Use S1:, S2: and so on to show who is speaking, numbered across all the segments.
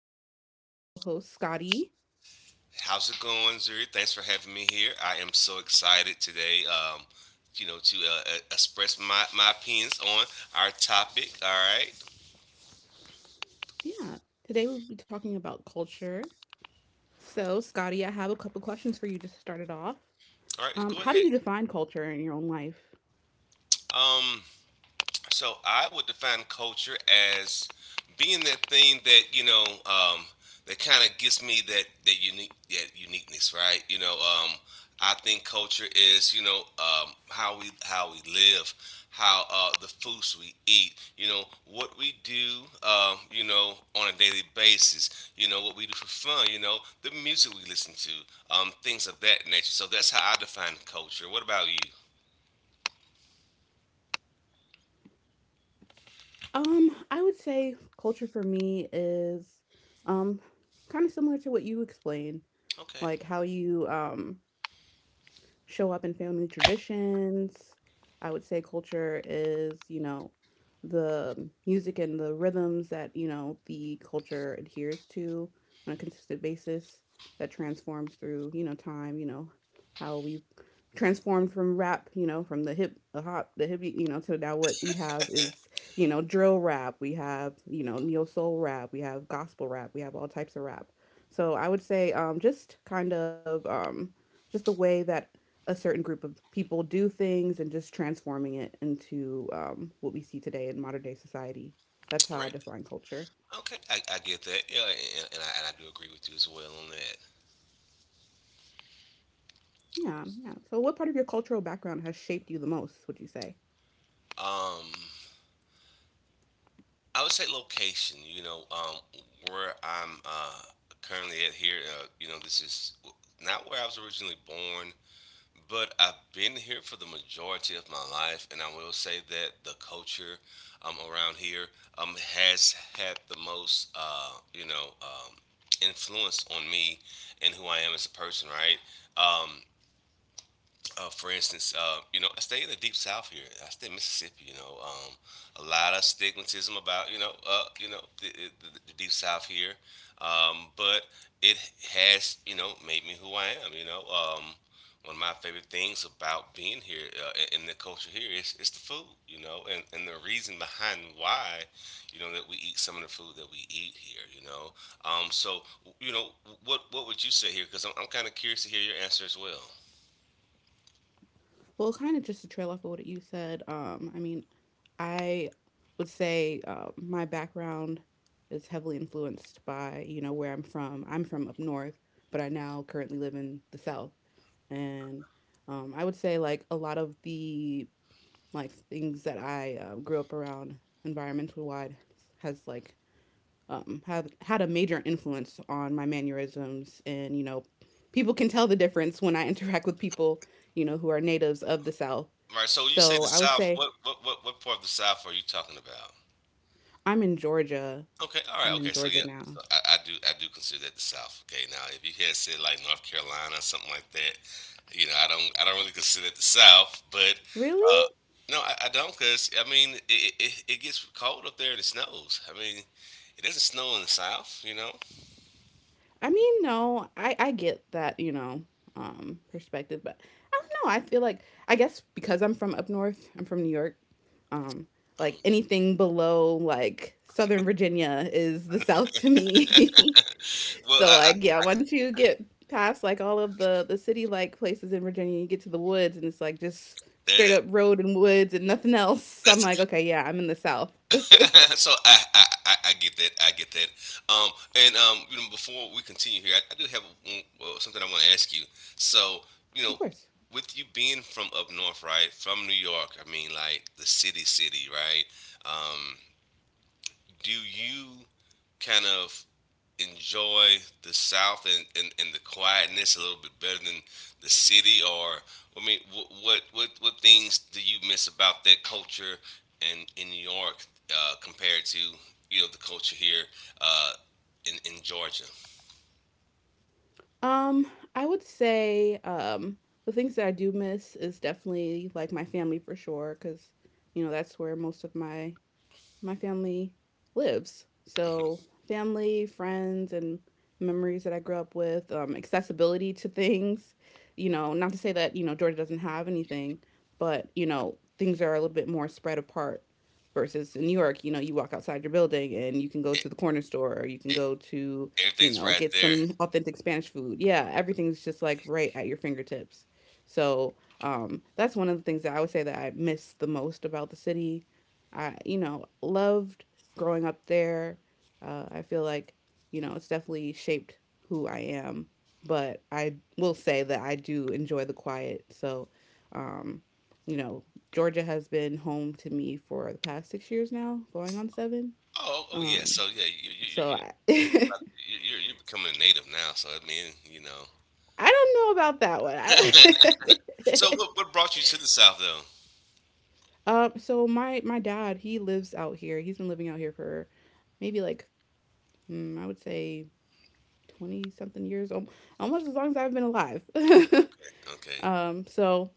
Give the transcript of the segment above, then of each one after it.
S1: with me my co host, Scotty.
S2: How's it going, Zuri? Thanks for having me here. I am so excited today, to express my opinions on our topic. All right.
S1: Yeah, today we'll be talking about culture. So, Scotty, I have a couple questions for you just to start it off.
S2: All right,
S1: Um,
S2: go
S1: how do
S2: ahead.
S1: you define culture in your own life?
S2: Um, So I would define culture as being that thing that that kind of gives me that uniqueness, right? I think culture is how we live, how the foods we eat, you know what we do, you know on a daily basis, you know what we do for fun, you know the music we listen to, things of that nature. So that's how I define culture. What about you?
S1: I would say culture for me is um, kind of similar to what you explained,
S2: Okay.
S1: like how you show up in family traditions. I would say culture is, you know, the music and the rhythms that, you know, the culture adheres to on a consistent basis that transforms through, you know, time, you know, how we've transformed from rap, you know, from the hip, the hop, the hippie, you know, to now what we have is, you know, drill rap, we have, you know, neo soul rap, we have gospel rap, we have all types of rap. So I would say just kind of just the way that a certain group of people do things and just transforming it into what we see today in modern day society. That's how
S2: All
S1: I
S2: right.
S1: define culture.
S2: Okay, I get that. Yeah, and I do agree with you as well on that.
S1: Yeah, yeah. So, what part of your cultural background has shaped you the most, would you say?
S2: Um, I would say location. Where I'm currently at here. You know, this is not where I was originally born, but I've been here for the majority of my life, and I will say that the culture around here has had the most, influence on me and who I am as a person, right? Um, for instance, you know, I stay in the deep south here. I stay in Mississippi. A lot of stigmatism about you know, the deep south here, but it has you know made me who I am. One of my favorite things about being here in the culture here is the food. You know, and the reason behind why, you know, that we eat some of the food that we eat here. So you know, what would you say here? Because I'm kind of curious to hear your answer as well.
S1: Well, kind of just to trail off of what you said, I mean, I would say my background is heavily influenced by, you know, where I'm from. I'm from up north, but I now currently live in the south. And I would say, like, a lot of the like things that I grew up around environmental wide has like have had a major influence on my mannerisms, and you know people can tell the difference when I interact with people, you know, who are natives of the South.
S2: Right. So when you say
S1: So
S2: the
S1: I would
S2: South,
S1: say
S2: what part of the South are you talking about?
S1: I'm in Georgia.
S2: Okay. All right.
S1: I'm in
S2: Okay. So
S1: Georgia
S2: yeah, so
S1: now.
S2: I do consider that the South. Okay. Now, if you had said like North Carolina or something like that, you know, I don't really consider it the South, but uh,
S1: Really?
S2: I don't because I mean it gets cold up there and it snows. I mean, it doesn't snow in the South, you know.
S1: I mean, no, I get that, you know, perspective, but I don't know. I feel like I guess because I'm from up north, I'm from New York. Um like
S2: Um,
S1: anything below like Southern Virginia is the South to me.
S2: well,
S1: So
S2: I,
S1: like yeah, once you get past like all of the city like places in Virginia, you get to the woods, and it's like just straight
S2: that,
S1: up road and woods and nothing else. So I'm
S2: that's a
S1: like, okay, yeah, I'm in the South.
S2: so I get that I get that. Um, and You know, before we continue here, I do have one, well, something I want to ask you. So you know,
S1: Of course.
S2: with you being from up north, right, from New York, I mean, like the city, right? Um, do you kind of enjoy the South and the quietness a little bit better than the city? Or I mean, what things do you miss about that culture in New York compared to you know the culture here uh, in Georgia?
S1: Um, I would say, the things that I do miss is definitely like my family for sure, because you know that's where most of my family lives. So,
S2: Hmm.
S1: family, friends, and memories that I grew up with, accessibility to things. You know, not to say that, you know, Georgia doesn't have anything, but, you know, things are a little bit more spread apart versus in New York, you know, you walk outside your building and you can go
S2: It,
S1: to the corner store or you can
S2: it,
S1: go to, you
S2: everything's
S1: know,
S2: right
S1: get
S2: there.
S1: some authentic Spanish food. Yeah, everything's just like right at your fingertips. So, that's one of the things that I would say that I miss the most about the city. I, you know, loved growing up there. I feel like, you know, it's definitely shaped who I am, but I will say that I do enjoy the quiet. So, um, you know, Georgia has been home to me for the past 6 years now, going on seven.
S2: Oh, yeah.
S1: Um,
S2: So yeah,
S1: so I,
S2: you're becoming a native now, so I mean, you know.
S1: I don't know about that one.
S2: So,
S1: I-
S2: what brought you to the South, though?
S1: so my dad, he lives out here. He's been living out here for maybe like I would say 20 something years, almost as long as I've been alive.
S2: Okay, okay,
S1: So,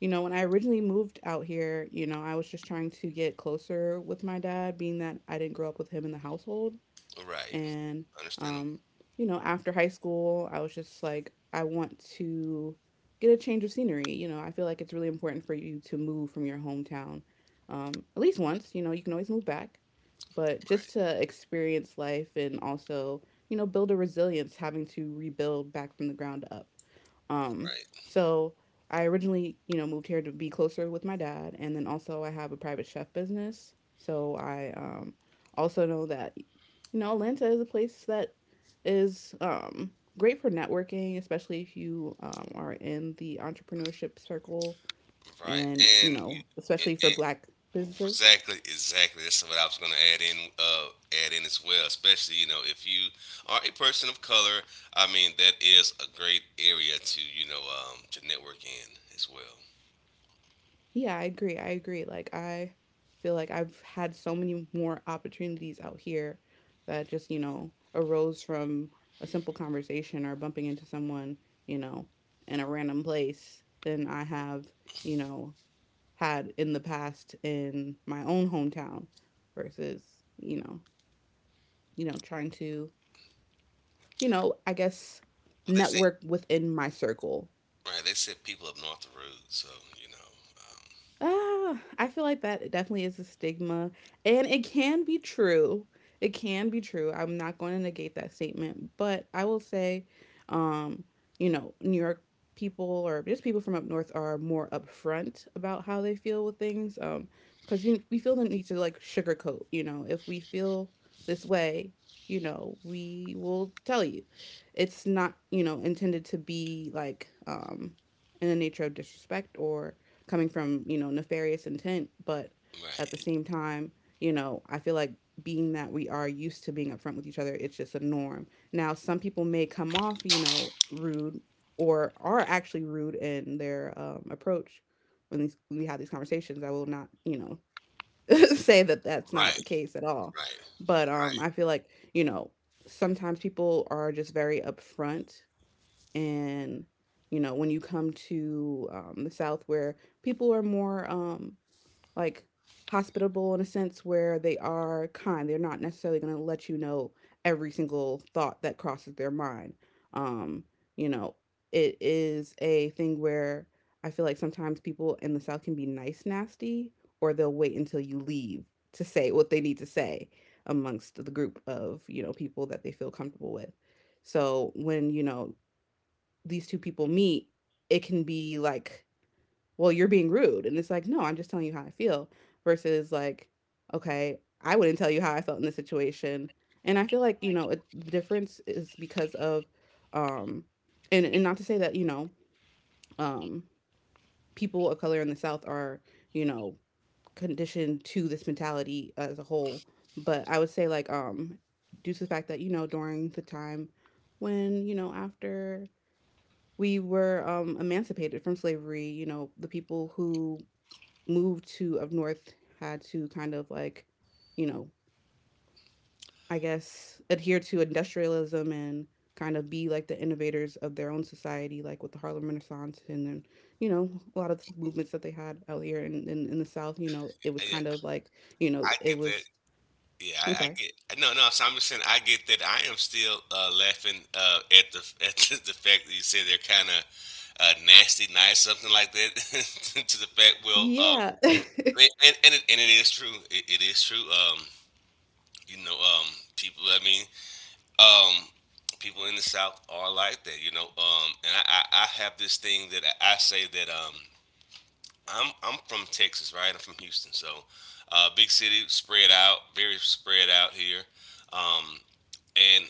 S1: you know, when I originally moved out here, you know, I was just trying to get closer with my dad, being that I didn't grow up with him in the household.
S2: all right,
S1: And,
S2: understandable.
S1: um, you know, after high school, I was just like, I want to get a change of scenery. You know, I feel like it's really important for you to move from your hometown at least once. You know, you can always move back, but just
S2: Right,
S1: to experience life and also, you know, build a resilience having to rebuild back from the ground up. Um,
S2: right,
S1: so I originally, you know, moved here to be closer with my dad, and then also I have a private chef business. So I also know that, you know, Atlanta is a place that is great for networking, especially if you are in the entrepreneurship circle
S2: right.
S1: and, you
S2: and, you-
S1: know,
S2: and,
S1: especially for
S2: and
S1: black businesses.
S2: exactly, exactly. That's what I was going to add in as well. Especially, you know, if you are a person of color, I mean, that is a great area to, you know, to network in as well.
S1: Yeah, I agree. I agree. Like I feel like I've had so many more opportunities out here that just, you know, arose from a simple conversation or bumping into someone, you know, in a random place than I have, you know, had in the past in my own hometown versus, you know, you know, trying to, you know, I guess
S2: Well, they say,
S1: network within my circle.
S2: right? They said people up north the road, so you know, um,
S1: I feel like that definitely is a stigma, and it can be true. It can be true. I'm not going to negate that statement, but I will say, um, you know, New York people or just people from up north are more upfront about how they feel with things. Because we feel the need to like sugarcoat. You know, if we feel this way, you know, we will tell you. It's not, you know, intended to be like in the nature of disrespect or coming from, you know, nefarious intent, but at the
S2: right,
S1: same time, you know, I feel like being that we are used to being upfront with each other, it's just a norm now. Some people may come off, you know, rude or are actually rude in their approach when, when we have these conversations. I will not, you know, say that that's not
S2: right,
S1: the case at all,
S2: right,
S1: but
S2: right.
S1: I feel like, you know, sometimes people are just very upfront, and you know when you come to the south where people are more like hospitable, in a sense where they are kind, they're not necessarily going to let you know every single thought that crosses their mind. um, you know, it is a thing where I feel like sometimes people in the south can be nice nasty, or they'll wait until you leave to say what they need to say amongst the group of, you know, people that they feel comfortable with. So when, you know, these two people meet, it can be like, well, you're being rude. And it's like, no, I'm just telling you how I feel versus like, okay, I wouldn't tell you how I felt in this situation. And I feel like, you know, it, the difference is because of, um, and not to say that, you know, um, people of color in the South are, you know, conditioned to this mentality as a whole. But I would say, like, due to the fact that, you know, during the time when, you know, after we were emancipated from slavery. You know, the people who moved to up north had to kind of like, you know, I guess adhere to industrialism and kind of be like the innovators of their own society, like with the Harlem Renaissance, and then, you know, a lot of movements that they had out here in, in the South, you know, it was kind
S2: Yeah,
S1: of like, you
S2: I
S1: know,
S2: get
S1: it
S2: that.
S1: was,
S2: Yeah, I,
S1: I'm
S2: I
S1: sorry.
S2: get No, no. So I'm just saying I get that. I am still laughing at the at the fact that you said they're kind of nasty, nice, something like that. to the fact, well, um,
S1: Yeah.
S2: and and and it, and it is true. It is true. You know, um, people. I mean, um, people in the South are like that. You know, and I have this thing that I say that I'm from Texas, right? I'm from Houston, so big city, spread out, very spread out here. Um, and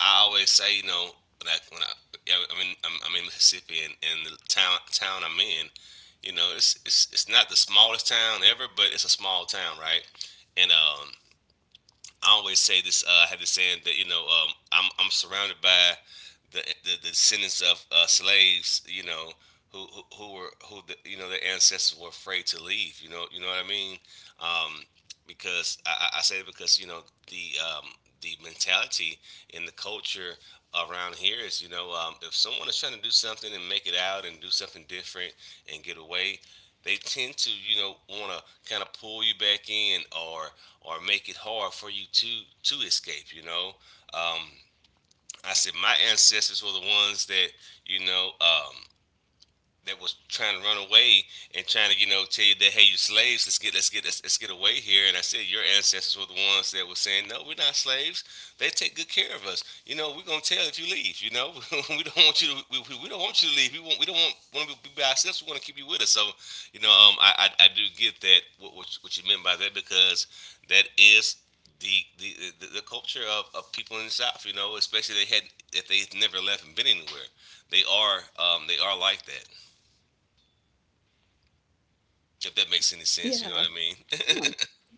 S2: I always say, you know, when I yeah, I mean, I'm in Mississippi and the town I'm in, you know, it's it's not the smallest town ever, but it's a small town, right? And I always say this. I have this saying that you know I'm surrounded by the descendants of slaves. You know who were who the, you know their ancestors were afraid to leave. You know what I mean. Um, because I say it because you know the um, the mentality and the culture around here is you know if someone is trying to do something and make it out and do something different and get away they tend to you know want to kind of pull you back in or make it hard for you to escape. You know, um, I said my ancestors were the ones that you know that was trying to run away and trying to you know tell you that hey you slaves let's get let's get away here, and I said your ancestors were the ones that were saying no we're not slaves, they take good care of us, you know we're going to tell if you leave, you know we don't want you to we don't want you to leave, we want we don't want to be by ourselves, we want to keep you with us, so you know I do get that what you meant by that because that is the the, the culture of people in the South, you know, especially they had if they had never left and been anywhere, they are like that. If that makes any sense, you know
S1: Yeah.
S2: what I mean?
S1: Yeah,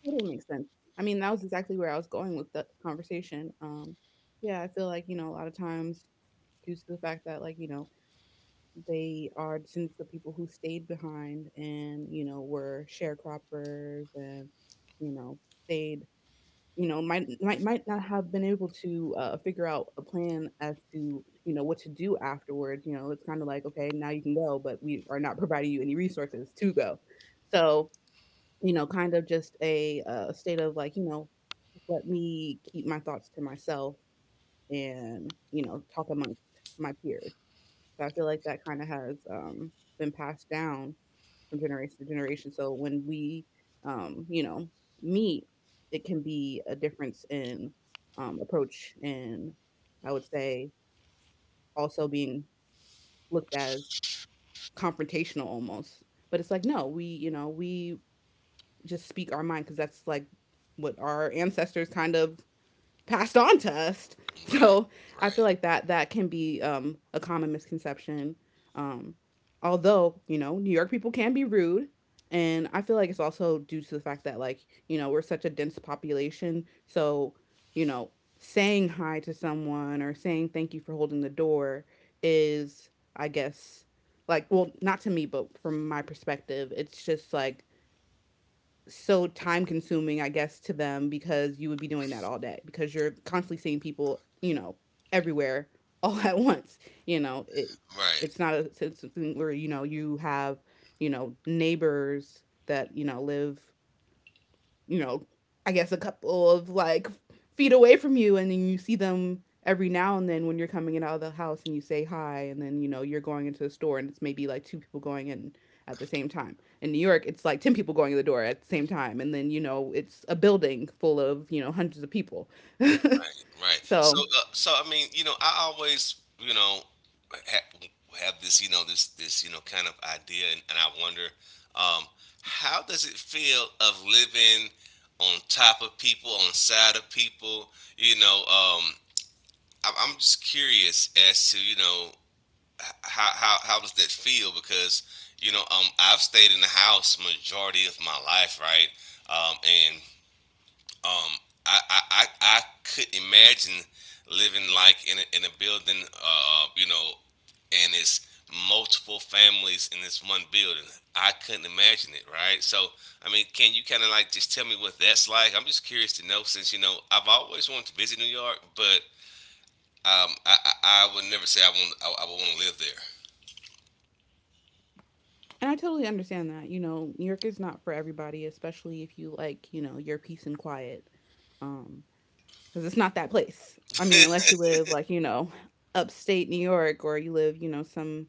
S1: totally makes sense. I mean, that was exactly where I was going with the conversation. Yeah, I feel like, you know, a lot of times due to the fact that, like, you know, they are descendants of people who stayed behind and, you know, were sharecroppers and, you know, stayed, you know, might not have been able to figure out a plan as to, you know, what to do afterwards. You know, it's kind of like, okay, now you can go, but we are not providing you any resources to go. So you know, kind of just a, state of like, you know, let me keep my thoughts to myself and, you know, talk amongst my peers. So I feel like that kind of has been passed down from generation to generation. So when we, you know, meet, it can be a difference in approach, and I would say also being looked as confrontational almost. But it's like, no, we, you know, we just speak our mind because that's like what our ancestors kind of passed on to us.
S2: Right,
S1: So I feel
S2: right,
S1: like that that can be a common misconception. Um, although you know, New York people can be rude, and I feel like it's also due to the fact that like you know we're such a dense population. So you know, saying hi to someone or saying thank you for holding the door is, I guess, not to me, but from my perspective, it's just like so time consuming, I guess, to them because you would be doing that all day because you're constantly seeing people, you know, everywhere all at once. You know, it
S2: right,
S1: it's not a It's something where you know you have neighbors that live, you know, I guess a couple of feet away from you, and then you see them every now and then when you're coming in out of the house and you say hi, and then you know you're going into the store and it's maybe like two people going in at the same time. In New York, it's like ten people going in the door at the same time, and then you know it's a building full of you know hundreds of people.
S2: right. So,
S1: so
S2: so I mean, you know, I always, you know, ha- have this, you know, this, you know, kind of idea, and I wonder, um, how does it feel of living on top of people, on side of people? You know, I'm just curious as to, you know, how does that feel? Because you know, I've stayed in the house majority of my life, right? Um, and um, I, I I I could imagine living like in a building, you know, and it's multiple families in this one building. I couldn't imagine it, right? So, I mean, can you kind of like just tell me what that's like? I'm just curious to know since, you know, I've always wanted to visit New York, but I would never say I would want to live there.
S1: and I totally understand that. You know, New York is not for everybody, especially if you like, you know, your peace and quiet. Um, because it's not that place. I mean, unless you live like you know, upstate New York, or you live you know some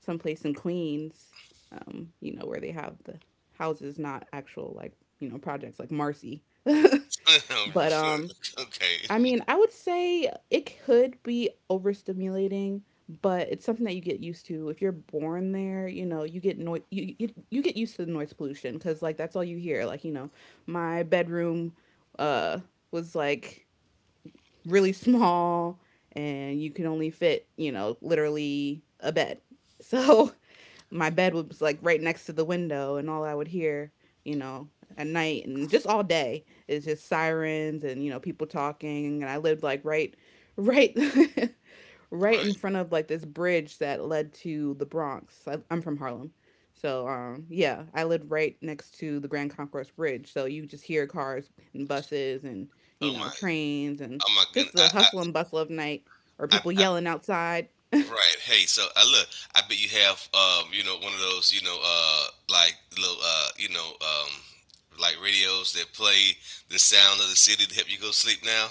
S1: some place in Queens, you know where they have the houses, not actual like you know projects like Marcy. but I
S2: Okay.
S1: mean, I would say it could be overstimulating, but it's something that you get used to. If you're born there, you know you get noise. You, you get used to the noise pollution because like that's all you hear. Like you know, my bedroom uh was like really small and you can only fit, you know, literally a bed. So my bed was like right next to the window and all I would hear, you know, at night and just all day is just sirens and, you know, people talking. And I lived like right right in
S2: Right.
S1: front of like this bridge that led to the Bronx. I'm from Harlem. So yeah, I lived right next to the Grand Concourse Bridge. So you just hear cars and buses and you
S2: Oh
S1: know
S2: my.
S1: trains and
S2: Oh my
S1: just
S2: goodness.
S1: the
S2: I.
S1: hustle and bustle of night or
S2: I.
S1: people
S2: I.
S1: yelling outside.
S2: I right. Hey. So I look. I bet you have. You know. One of those. You know. Like little. You know. Like radios that play the sound of the city to help you go sleep now.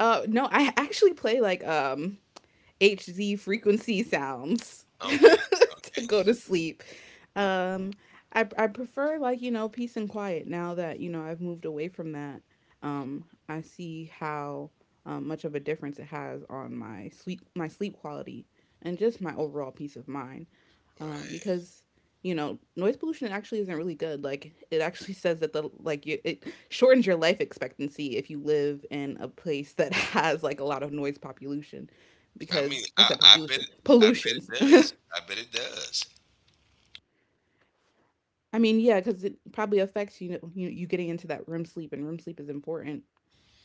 S1: No, I actually play like Hz frequency sounds
S2: Okay.
S1: to
S2: Okay.
S1: go to sleep. Um, I prefer like you know peace and quiet now that you know I've moved away from that. I see how much of a difference it has on my sleep quality and just my overall peace of mind.
S2: Right.
S1: Because you know noise pollution actually isn't really good. Like it actually says that the like you, it shortens your life expectancy if you live in a place that has like a lot of noise population
S2: I mean.
S1: because I
S2: I.
S1: said
S2: I bet.
S1: population
S2: I
S1: pollutions.
S2: bet it does. I bet it does.
S1: I mean, yeah, because it probably affects you know you, you getting into that REM sleep, and REM sleep is important,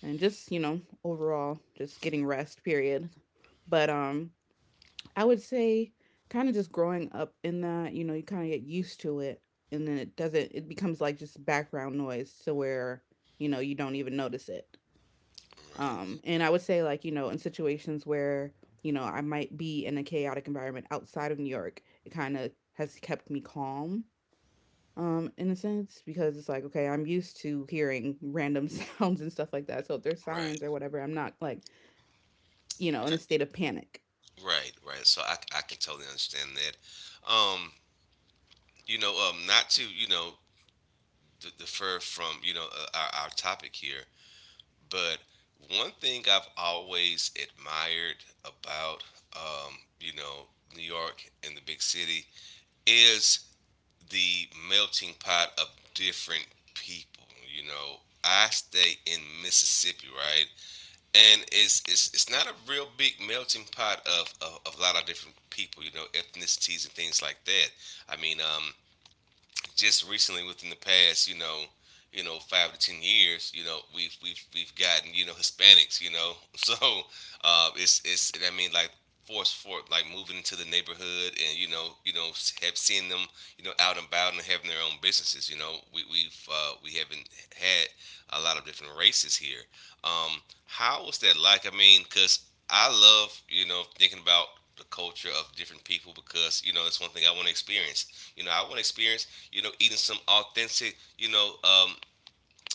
S1: and just you know overall just getting rest. Period. But I would say kind of just growing up in that, you know, you kind of get used to it, and then it doesn't. It becomes like just background noise to where you know you don't even notice it.
S2: Right.
S1: And I would say like you know in situations where you know I might be in a chaotic environment outside of New York, it kind of has kept me calm in a sense because it's like okay, I'm used to hearing random sounds and stuff like that. So if there's
S2: Right.
S1: sirens or whatever, I'm not like you know in a state of panic.
S2: Okay. Right. Right. So I. I can totally understand that. Um. You know, not to you know defer from you know our topic here, but one thing I've always admired about um, you know New York and the big city is the melting pot of different people. You know, I stay in Mississippi, right, and it's it's not a real big melting pot of a lot of different people. You know, ethnicities and things like that. I mean, just recently within the past, you know, 5 to 10 years, you know, we've we've gotten you know Hispanics, you know, so it's I mean like force for like moving into the neighborhood and you know have seen them you know out and about and having their own businesses. You know, we haven't had a lot of different races here. How was that like? I mean, because I love you know thinking about the culture of different people because you know that's one thing I want to experience. You know, I want to experience, you know, eating some authentic,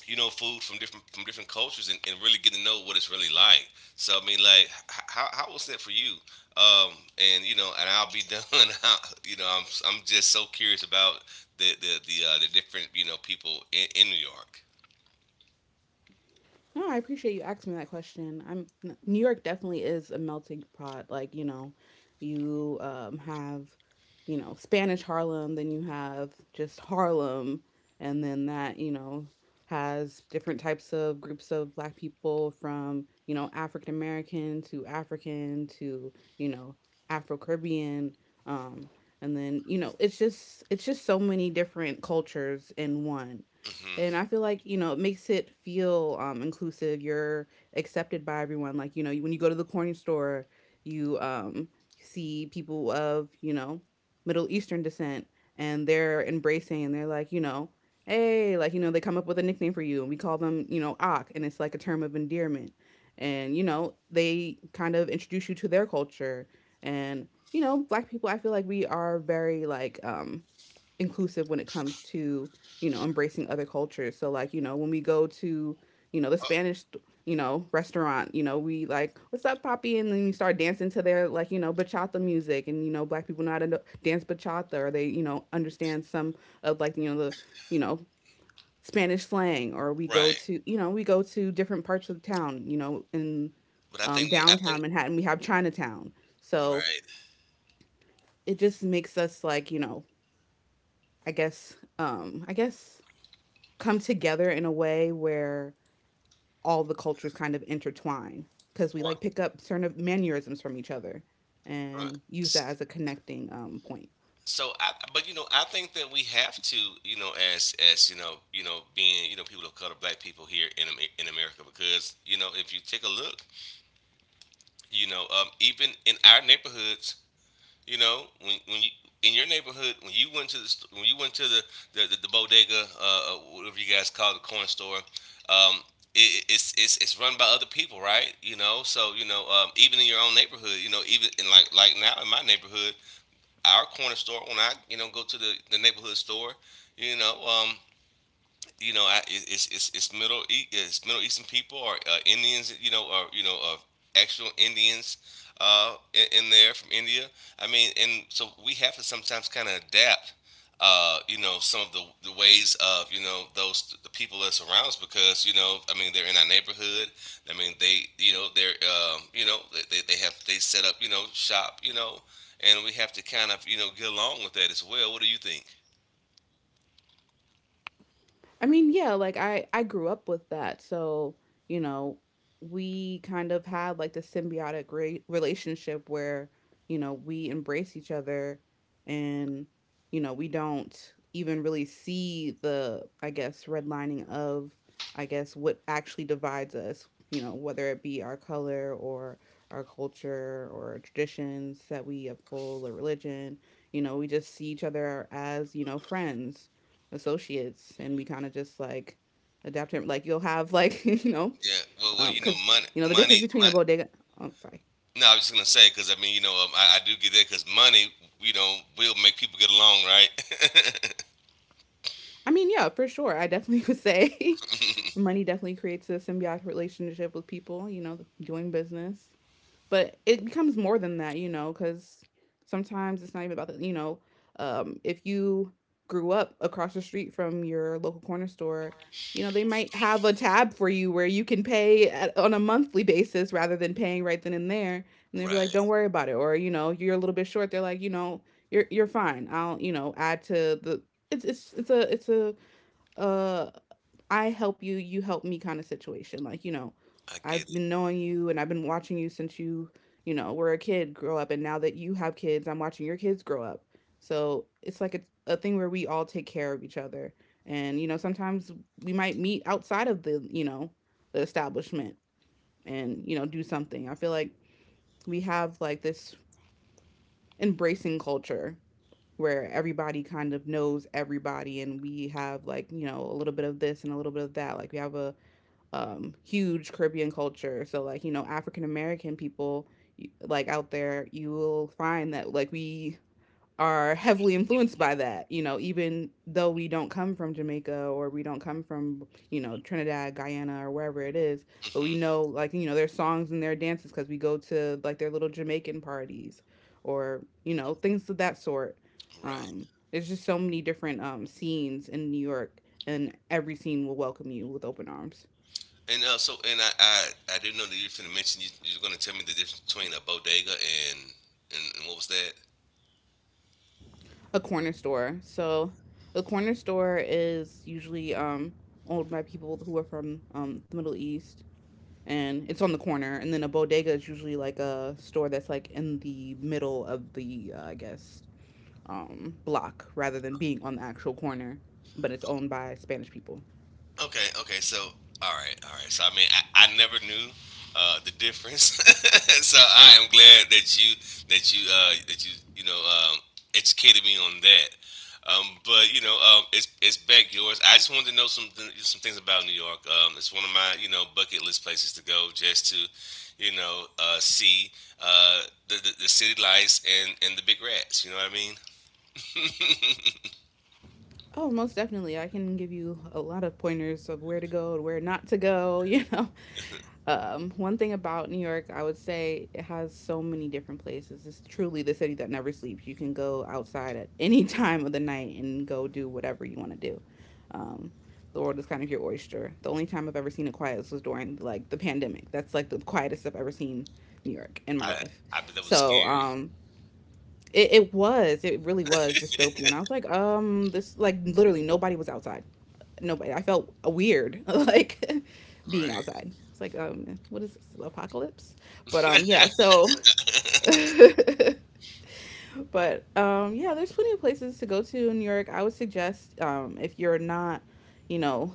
S2: you know, food from different cultures and really getting to know what it's really like. So I mean, like, how was that for you? Um, and I'll be done. I, you know, I'm just so curious about the different you know people in New York.
S1: No, I appreciate you asking me that question. New York definitely is a melting pot. Like, you know, you have, you know, Spanish Harlem, then you have just Harlem, and then that, you know, has different types of groups of black people from, you know, African American to African to, you know, Afro Caribbean. Um, and then, you know, it's just so many different cultures in one. And
S2: Hmm.
S1: I feel like you know it makes it feel inclusive. You're accepted by everyone, like you know when you go to the corner store you see people of you know Middle Eastern descent, and they're embracing and they're like you know hey, like you know they come up with a nickname for you and we call them you know ak, and it's like a term of endearment, and you know they kind of introduce you to their culture. And you know black people, I feel like we are very like inclusive when it comes to you know embracing other cultures. So like you know when we go to you know the Spanish you know restaurant, you know we like what's up poppy, and then you start dancing to their like you know bachata music. And you know black people know how to dance bachata, or they you know understand some of like you know the you know Spanish slang. Or we go
S2: Right.
S1: to we go to different parts of town, you know, in
S2: But I think we, I
S1: downtown
S2: think,
S1: Manhattan we have Chinatown. So
S2: right.
S1: it just makes us like you know I guess come together in a way where all the cultures kind of intertwine, because we like
S2: Well,
S1: pick up certain mannerisms from each other
S2: uh,
S1: and use that as a connecting point.
S2: so, but you know, I think that we have to, you know, as you know, being you know people of color, black people here in America, because you know, if you take a look, you know, even in our neighborhoods, you know, when you in your neighborhood, when you went to the the bodega, whatever you guys call it, the corner store, um, it, it's run by other people, right? You know, so you know, even in your own neighborhood, you know, even in like now in my neighborhood, our corner store when I you know go to the neighborhood store. You know, um, you know, it's Middle Eastern people or Indians, you know, or you know, of actual Indians in there from India. I mean, and so we have to sometimes kind of adapt, you know, some of the ways of you know those the people that surround us because you know, I mean, they're in our neighborhood. I mean, they you know they're you know they set up you know shop you know, and we have to kind of you know get along with that as well. What do you think?
S1: I mean, yeah, like I grew up with that. So, you know, we kind of had like the symbiotic relationship where, you know, we embrace each other. And you know, we don't even really see the I guess redlining of I guess what actually divides us, you know, whether it be our color or our culture or traditions that we uphold or religion. You know, we just see each other as, you know, friends, associates, and we kind of just like adapt him, like you'll have like you know
S2: Yeah, well, you know,
S1: because you know the difference
S2: money,
S1: between a
S2: mon-
S1: bodega, oh, sorry.
S2: no, I was just gonna say because I mean, you know, I do get that because money, you know, will make people get along, right?
S1: I mean, yeah, for sure. I definitely would say money definitely creates a symbiotic relationship with people you know doing business. But it becomes more than that, you know, because sometimes it's not even about the, you know, if you grew up across the street from your local corner store, you know, they might have a tab for you where you can pay at, on a monthly basis rather than paying right then and there. And they'll be like,
S2: Right.
S1: don't worry about it. Or, you know, you're a little bit short. They're like, you know, you're fine. I'll, you know, add to the, it's a, uh I help you, you help me kind of situation. Like, you know,
S2: I get
S1: I've
S2: it.
S1: been knowing you and I've been watching you since you know, were a kid, grow up. And now that you have kids, I'm watching your kids grow up. So it's like a thing where we all take care of each other. And, you know, sometimes we might meet outside of the, you know, the establishment, and, you know, do something. I feel like we have like this embracing culture where everybody kind of knows everybody, and we have like you know a little bit of this and a little bit of that. Like we have a huge Caribbean culture. So like you know African American people like out there, you will find that like we are heavily influenced by that, you know, even though we don't come from Jamaica or we don't come from, you know, Trinidad, Guyana, or wherever it is, but we
S2: Hmm.
S1: know like, you know, their songs and their dances, cuz we go to like their little Jamaican parties or, you know, things of that sort.
S2: Right.
S1: There's just so many different scenes in New York, and every scene will welcome you with open arms.
S2: And so, and I didn't know that you were finna mention you were gonna tell me the difference between a bodega and, and what was that?
S1: A corner store. So, a corner store is usually owned by people who are from the Middle East, and it's on the corner. And then a bodega is usually like a store that's like in the middle of the, I guess, block rather than being on the actual corner, but it's owned by Spanish people.
S2: Okay, okay. So, all right, all right. So, I mean, I never knew the difference. So, I am glad that you that you that you know educated me on that. But you know, it's back yours. I just wanted to know some things about New York. It's one of my you know bucket list places to go just to you know see, uh, the city lights and the big rats. You know what I mean?
S1: Oh, most definitely. I can give you a lot of pointers of where to go and where not to go, you know. One thing about New York, I would say it has so many different places. It's truly the city that never sleeps. You can go outside at any time of the night and go do whatever you want to do. Um, the world is kind of your oyster. The only time I've ever seen it quiet was during like the pandemic. That's like the quietest I've ever seen New York in my
S2: I
S1: life.
S2: I bet that was
S1: So
S2: scary.
S1: um, it, was, it really was dystopian. I was like, this like literally nobody was outside nobody. I felt weird like being
S2: Right.
S1: outside. It's like what is this apocalypse? But. There's plenty of places to go to in New York. I would suggest if you're not, you know,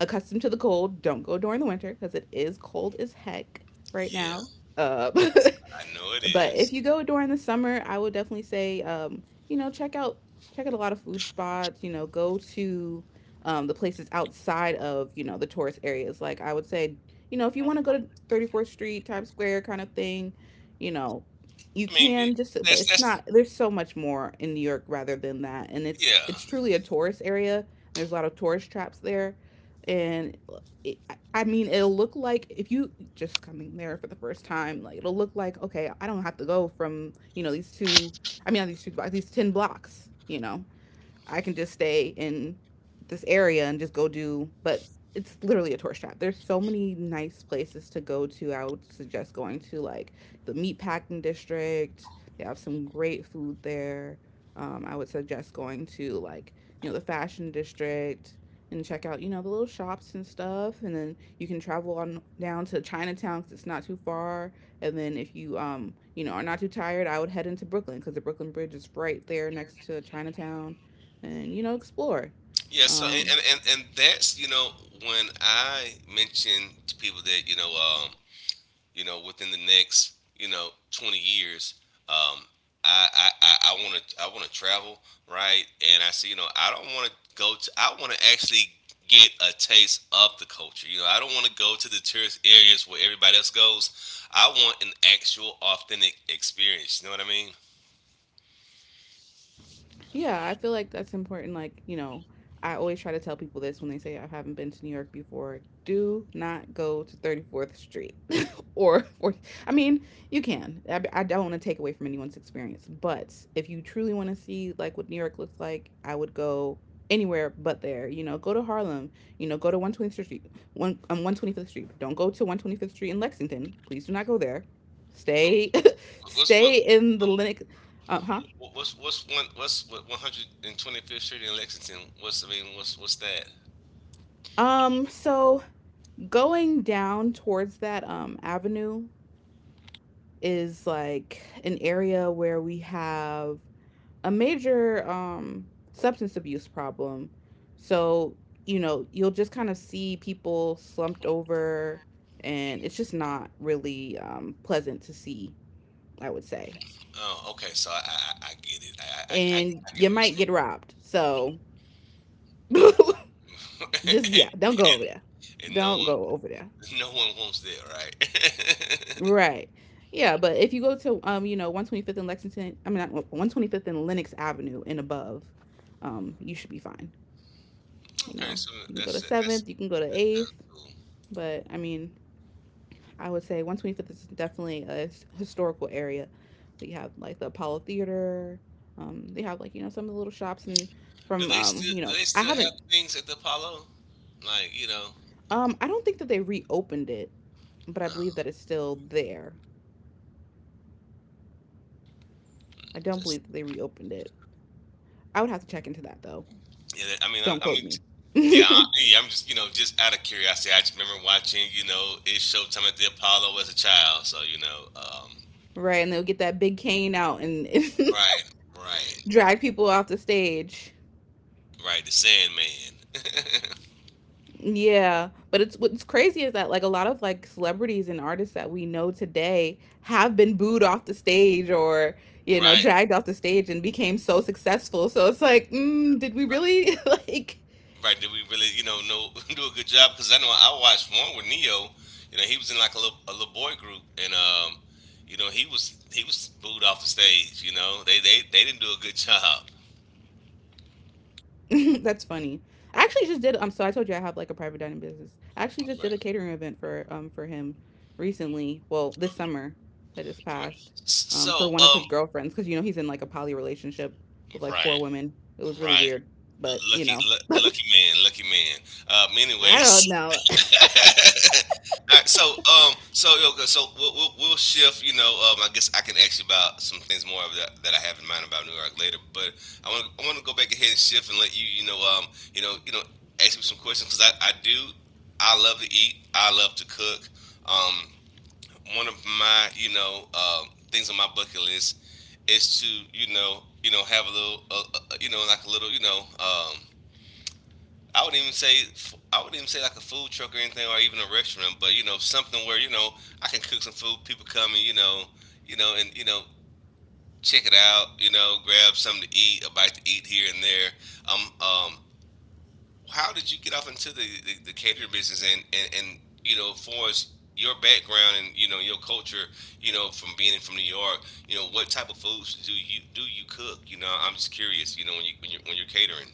S1: accustomed to the cold, don't go during the winter because it is cold as heck right
S2: Yeah,
S1: now. Uh
S2: I know it
S1: but
S2: is.
S1: if you go during the summer, I would definitely say, you know, check out a lot of food spots. You know, go to the places outside of you know the tourist areas. Like I would say, you know, if you
S2: No.
S1: want to go to 34th Street, Times Square, kind of thing, you know, you
S2: I mean,
S1: can just, but
S2: that's
S1: it's
S2: that's
S1: not. There's so much more in New York rather than that, and it's
S2: yeah,
S1: truly a tourist area. There's a lot of tourist traps there, and it, I mean, it'll look like if you just coming there for the first time, like it'll look like okay, I don't have to go from you know these two. I mean, not these two blocks, these ten blocks. You know, I can just stay in this area and just go do, but it's literally a tourist trap. There's so many nice places to go to. I would suggest going to like the meatpacking district. They have some great food there. I would suggest going to like you know the fashion district and check out you know the little shops and stuff. And then you can travel on down to Chinatown because it's not too far. And then if you you know are not too tired, I would head into Brooklyn because the Brooklyn Bridge is right there next to Chinatown and you know explore
S2: yeah. So
S1: um,
S2: and that's you know when I mention to people that you know within the next you know 20 years um I I I want to travel right and I see you know I don't want to go to I want to actually get a taste of the culture you know I don't want to go to the tourist areas where everybody else goes I want an actual authentic experience you know what I mean.
S1: Yeah, I feel like that's important. Like, you know, I always try to tell people this when they say I haven't been to New York before. Do not go to 34th Street or, or, I mean, you can. I don't want to take away from anyone's experience, but if you truly want to see like what New York looks like, I would go anywhere but there. You know, go to Harlem. You know, go to One Twenty Fifth Street. One 125th Street. Don't go to 125th Street in Lexington. Please do not go there. Stay,
S2: But what's what
S1: stay in the Linux. Uh huh.
S2: Wha- what's one what's what 125th Street in Lexington? What's that?
S1: So going down towards that avenue is like an area where we have a major substance abuse problem. So, you know, you'll just kind of see people slumped over, and it's just not really pleasant to see, I would say.
S2: Oh, okay. So I get it. I, I I
S1: And
S2: I get
S1: you
S2: what
S1: might get
S2: you're
S1: robbed. So, just,
S2: saying.
S1: yeah, don't go over there.
S2: And no
S1: Don't go
S2: one
S1: over there.
S2: no one wants that, right?
S1: Right. Yeah, but if you go to you know, 125th in Lexington, I mean, not 125th in Lenox Avenue and above, you should be fine. You
S2: Okay,
S1: know,
S2: so
S1: you can go
S2: that's that's
S1: to
S2: that sounds
S1: 7th, you can go to 8th,
S2: cool.
S1: but I mean, I would say 125th is definitely a historical area. They have like the Apollo Theater. They have like, you know, some of the little shops and
S2: Do
S1: from
S2: they still
S1: you
S2: do
S1: know,
S2: they still have things at the Apollo? Like you know,
S1: I don't think that they reopened it, but I believe
S2: uh,
S1: that it's still there. I don't
S2: that's
S1: believe that they reopened it. I would have to check into that though.
S2: yeah. I mean,
S1: Don't
S2: I
S1: quote
S2: mean,
S1: me.
S2: yeah, yeah. I'm just you know just out of curiosity. I just remember watching you know it's Showtime at the Apollo as a child. So you know,
S1: Right, and they'll get that big cane out and
S2: right, right,
S1: drag people off the stage.
S2: right. The Sandman.
S1: Yeah, but it's what's crazy is that like a lot of like celebrities and artists that we know today have been booed off the stage or you know
S2: Right,
S1: dragged off the stage and became so successful. So it's like, mm, did we really like
S2: right. Did we really, you know do a good job? Because I know I watched one with Neo. You know, he was in like a little boy group, and you know, he was booed off the stage. You know, they didn't do a good job.
S1: that's funny. I actually just did. So I told you I have like a private dining business. I actually just did
S2: Right.
S1: a catering event for him recently. Well, this summer that just passed.
S2: So,
S1: For one of his girlfriends because you know he's in like a poly relationship with like
S2: right,
S1: 4 women. It was really
S2: right.
S1: weird, but you
S2: Lucky,
S1: know.
S2: lucky man, lucky man.
S1: I
S2: Anyways,
S1: don't know.
S2: all right, so so okay, so we'll shift. You know, I guess I can ask you about some things more of that I have in mind about New York later. But I want to go back ahead and shift and let you, you know, you know, you know, ask me some questions because I do, I love to eat, I love to cook. Um, one of my, you know, things on my bucket list is to, you know, have a little, you know, like a little, you know, I would not even say I would not even say like a food truck or anything, or even a restaurant. But you know, something where you know I can cook some food. People come and you know, and you know, check it out. You know, grab something to eat, a bite to eat here and there. Um, um, how did you get off into the catering business and and you know, as far as your background and you know your culture, you know, from being from New York, you know, what type of foods do you cook? You know, I'm just curious. You know, when you when you're catering,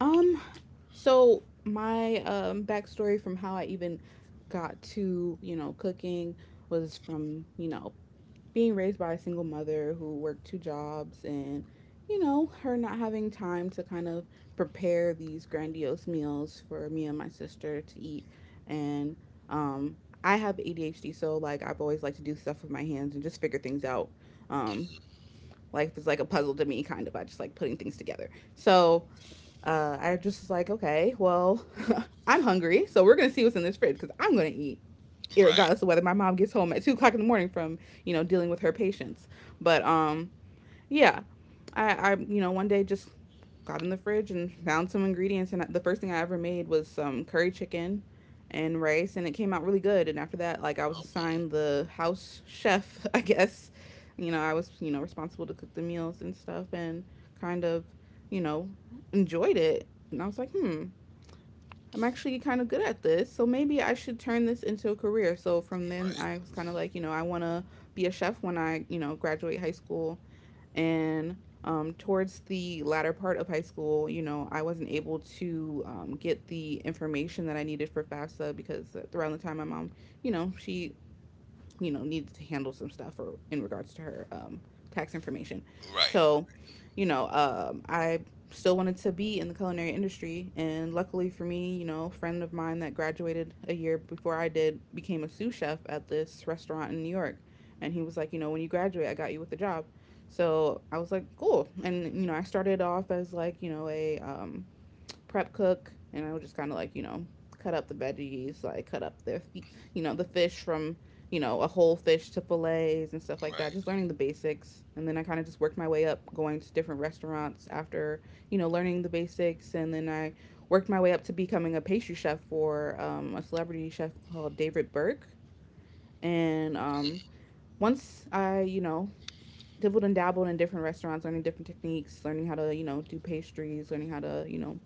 S1: Um, so my backstory from how I even got to you know cooking was from you know being raised by a single mother who worked 2 jobs and you know her not having time to kind of prepare these grandiose meals for me and my sister to eat and um I have ADHD so like I've always liked to do stuff with my hands and just figure things out um life is like a puzzle to me kind of I just like putting things together so I just was like, okay, well, I'm hungry, so we're gonna see what's in this fridge because I'm gonna eat
S2: right?
S1: regardless of whether my mom gets home at 2 o'clock in the morning from you know dealing with her patients. But yeah, I you know one day just got in the fridge and found some ingredients, and the first thing I ever made was some curry chicken and rice, and it came out really good. And after that, like I was
S2: Oh,
S1: assigned the house chef, I guess. You know, I was you know responsible to cook the meals and stuff, and kind of you know enjoyed it. And I was like, hmm, I'm actually kind of good at this, so maybe I should turn this into a career. So from then, I was
S2: right,
S1: kind of like, you know, I want to be a chef when I, you know, graduate high school. And towards the latter part of high school, you know, I wasn't able to get the information that I needed for FAFSA because around the time my mom, you know, she you know needed to handle some stuff or in regards to her tax information.
S2: right.
S1: So, you know, I still wanted to be in the culinary industry, and luckily for me, you know, a friend of mine that graduated a year before I did became a sous chef at this restaurant in New York, and he was like, you know, when you graduate, I got you with the job. So I was like, cool, and you know, I started off as like you know a prep cook, and I would just kind of like you know cut up the veggies, like cut up the you know the fish from you know a whole fish to fillets and stuff like that.
S2: Right.
S1: Just learning the basics, and then I kind of just worked my way up, going to different restaurants after you know learning the basics, and then I worked my way up to becoming a pastry chef for a celebrity chef called David Burke, and once I you know dibbled and dabbled in different restaurants, learning different techniques, learning how to, you know, do pastries, learning how to, you know,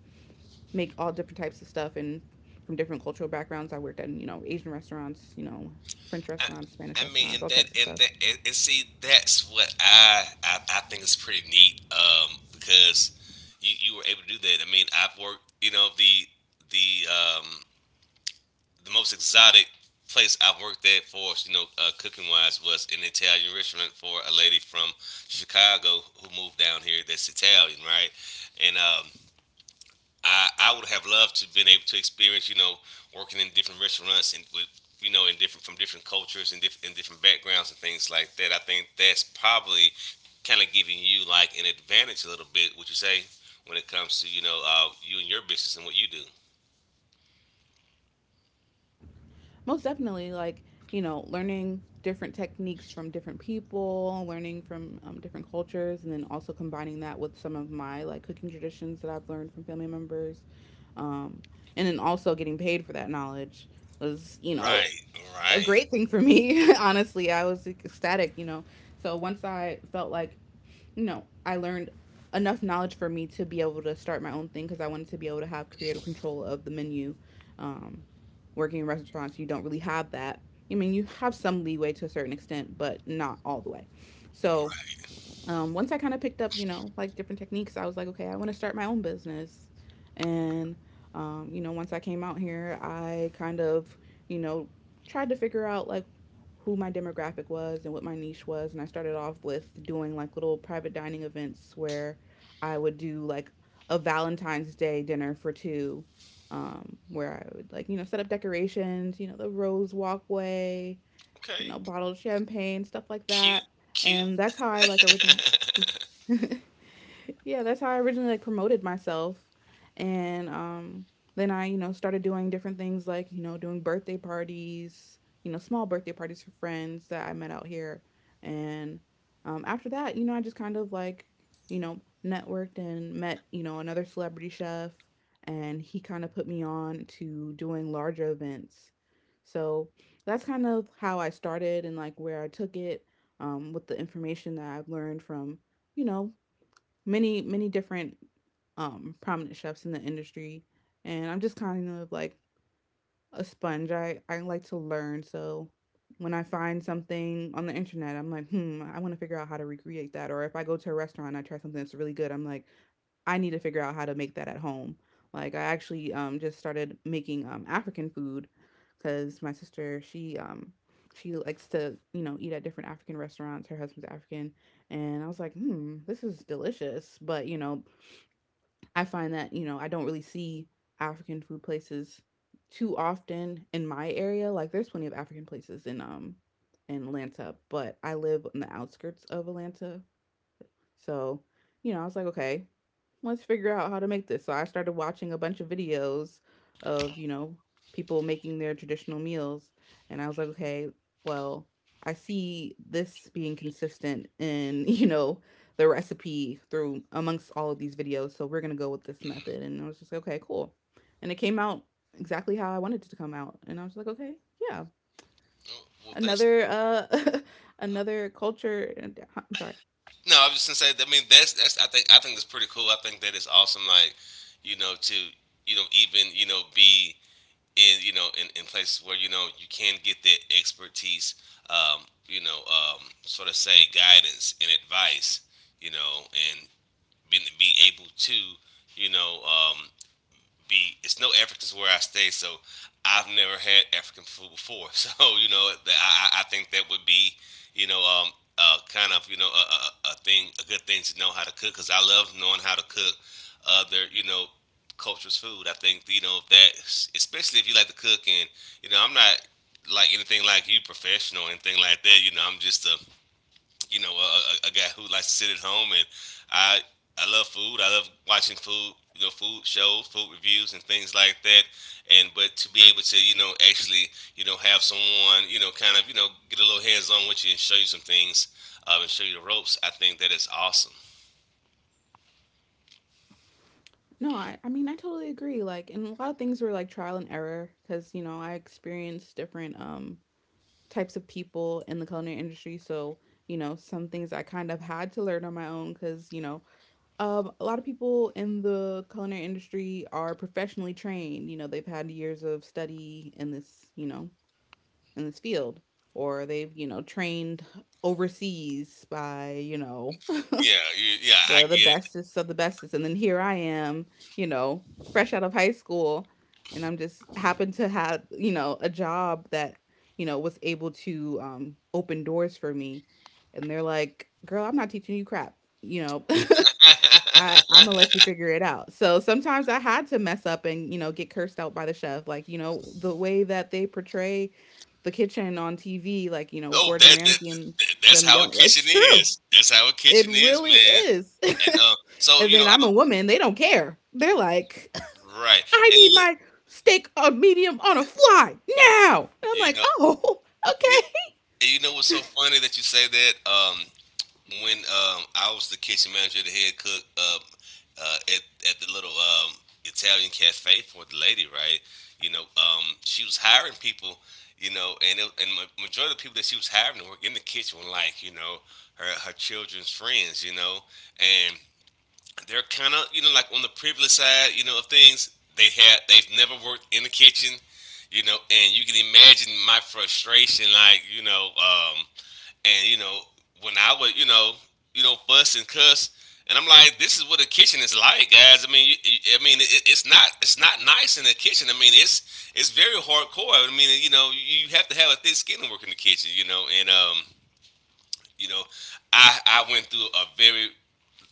S1: make all different types of stuff and from different cultural backgrounds. I worked at, you know, Asian restaurants, you know, French
S2: I,
S1: restaurants, Spanish
S2: I mean,
S1: restaurants,
S2: and
S1: all
S2: that
S1: types of
S2: and
S1: stuff.
S2: that and, and see, that's what I think is pretty neat. Because you were able to do that. I mean, I've worked. You know, the um the most exotic place I've worked at for you know cooking wise was an Italian restaurant for a lady from Chicago who moved down here. That's Italian, right? And I would have loved to have been able to experience, you know, working in different restaurants and with, you know, in different from different cultures and and different backgrounds and things like that. I think that's probably kind of giving you like an advantage a little bit. Would you say when it comes to you know you and your business and what you do?
S1: Most definitely, like, you know, learning different techniques from different people, learning from different cultures, and then also combining that with some of my like cooking traditions that I've learned from family members. Um, and then also getting paid for that knowledge was, you know,
S2: Right,
S1: a
S2: right,
S1: great thing for me. Honestly, I was like, ecstatic, you know. So once I felt like you know, I learned enough knowledge for me to be able to start my own thing because I wanted to be able to have creative control of the menu. Um, working in restaurants, you don't really have that. I mean, you have some leeway to a certain extent, but not all the way. So
S2: right.
S1: once I kind of picked up, you know, like different techniques, I was like, okay, I want to start my own business. And, you know, once I came out here, I kind of, you know, tried to figure out like who my demographic was and what my niche was. And I started off with doing like little private dining events where I would do like a Valentine's Day dinner for two, where I would like, you know, set up decorations, you know, the rose walkway, you
S2: Okay,
S1: know, bottled champagne, stuff like
S2: cute,
S1: that.
S2: cute.
S1: And that's how I like originally yeah, that's how I originally like promoted myself. And then I, you know, started doing different things like, you know, doing birthday parties, you know, small birthday parties for friends that I met out here. And after that, you know, I just kind of like, you know, networked and met, you know, another celebrity chef and he kind of put me on to doing larger events. So that's kind of how I started and like where I took it, with the information that I've learned from, you know, many different prominent chefs in the industry. And I'm just kind of like a sponge. I like to learn. So when I find something on the internet, I'm like, hmm, I want to figure out how to recreate that. Or if I go to a restaurant and I try something that's really good, I'm like, I need to figure out how to make that at home. Like I actually just started making African food because my sister, she likes to, you know, eat at different African restaurants. Her husband's African. And I was like, hmm, this is delicious. But I find that, I don't really see African food places too often in my area. Like there's plenty of African places in Atlanta, but I live on the outskirts of Atlanta. So, you know, I was like, okay, let's figure out how to make this. So I started watching a bunch of videos of, people making their traditional meals. And I was like, okay, well, I see this being consistent in, the recipe through amongst all of these videos. So we're going to go with this method. And I was just like, okay, cool. And it came out exactly how I wanted it to come out. And I was like, okay, yeah.
S2: Oh, well, that's
S1: Another another culture I'm sorry.
S2: no. I was just gonna say. I mean, that's that's. I think that's pretty cool. I think that it's awesome. Like, you know, to you know even you know be in you know in places where you know you can get that expertise, um, you know, sort of say guidance and advice you know and being be able to you know be it's no Africans where I stay, so I've never had African food before. So you know, I think that would be you know kind of you know a good thing to know how to cook because I love knowing how to cook other you know cultures food. I think you know that especially if you like to cook and you know I'm not like anything like you professional or anything like that. You know I'm just a you know, guy who likes to sit at home, and I I love food. I love watching food, you know, food shows, food reviews, and things like that. And but to be able to, you know, actually, you know, have someone, you know, kind of, you know, get a little hands on with you and show you some things, and show you the ropes. I think that is awesome.
S1: No, I mean, I totally agree. Like, and a lot of things were like trial and error because, you know, I experienced different types of people in the culinary industry. So, you know, some things I kind of had to learn on my own because, a lot of people in the culinary industry are professionally trained. You know, they've had years of study in this, in this field, or they've, you know, trained overseas by, you know,
S2: Yeah, yeah, I
S1: the
S2: get it.
S1: bestest of the bestest. And then here I am, you know, fresh out of high school, and I'm just happened to have, you know, a job that, you know, was able to, open doors for me. And they're like, "Girl, I'm not teaching you crap. You know, I I'm gonna let you figure it out." So sometimes I had to mess up and, you know, get cursed out by the chef, like you know the way that they portray the kitchen on TV, like you know
S2: No,
S1: Gordon
S2: that, that
S1: Ramsay and
S2: that that's
S1: them
S2: how a
S1: yelling.
S2: kitchen
S1: It's true.
S2: is. That's how a
S1: It
S2: kitchen is,
S1: really
S2: man.
S1: is.
S2: And so
S1: And
S2: you know,
S1: then I'm a woman, they don't care. They're like,
S2: right?
S1: I
S2: And
S1: need
S2: look,
S1: my steak a medium on a fly now. And I'm
S2: you
S1: like,
S2: know,
S1: oh, okay.
S2: and you know what's so funny that you say that? When I was the kitchen manager, the head cook, at the little, Italian cafe for the lady, right? You know, she was hiring people. You know, and majority of the people that she was hiring to work in the kitchen were like, you know, her children's friends. You know, and they're kind of you know like on the privileged side, you know, of things. They've never worked in the kitchen you know, and you can imagine my frustration, like, you know, and you know when I would you know fuss and cuss, and I'm like, this is what a kitchen is like, guys. I mean, I mean, it's not nice in the kitchen. I mean, it's very hardcore. I mean, you have to have a thick skin to work in the kitchen, and you know, I went through a very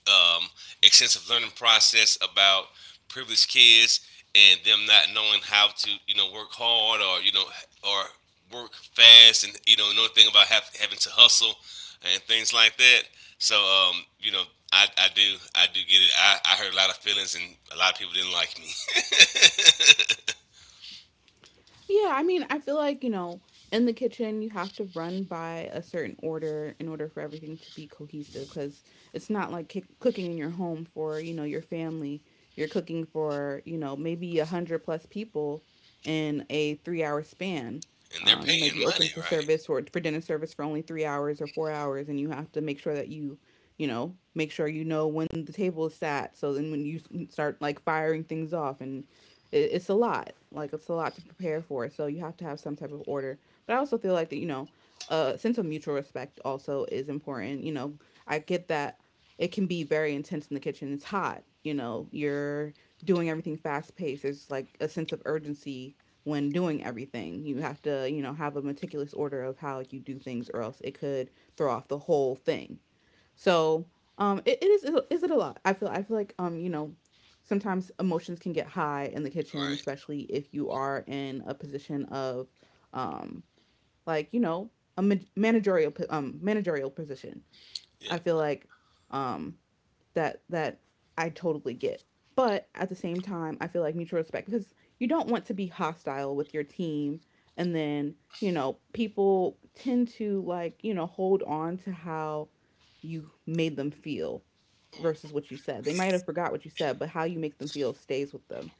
S2: um, extensive learning process about privileged kids and them not knowing how to work hard or work fast, and another thing about having to hustle and things like that. So I do get it. I heard a lot of feelings and a lot of people didn't like me.
S1: Yeah, I mean, I feel like, you know, in the kitchen, you have to run by a certain order in order for everything to be cohesive because it's not like cooking in your home for, you know, your family. You're cooking for, you know, maybe a hundred plus people in a 3 hour span.
S2: And they're
S1: You might
S2: paying
S1: be open
S2: money,
S1: for
S2: right?
S1: service or for dinner service for only 3 hours or 4 hours, and you have to make sure that you know, make sure you know when the table is sat. So then when you start like firing things off, and it's a lot. Like it's a lot to prepare for. So you have to have some type of order. But I also feel like that, you know, a sense of mutual respect also is important. You know, I get that it can be very intense in the kitchen. It's hot. You know, you're doing everything fast paced. There's like a sense of urgency when doing everything. You have to, you know, have a meticulous order of how you do things, or else it could throw off the whole thing. So it, it is it a lot? I feel like, you know, sometimes emotions can get high in the kitchen,
S2: Right.
S1: especially if you are in a position of um like, you know, a managerial managerial position.
S2: Yeah.
S1: I feel like, um that I totally get. But at the same time, I feel like mutual respect, because you don't want to be hostile with your team, and then, you know, people tend to like, you know, hold on to how you made them feel versus what you said. They might have forgot what you said, but how you make them feel stays with them.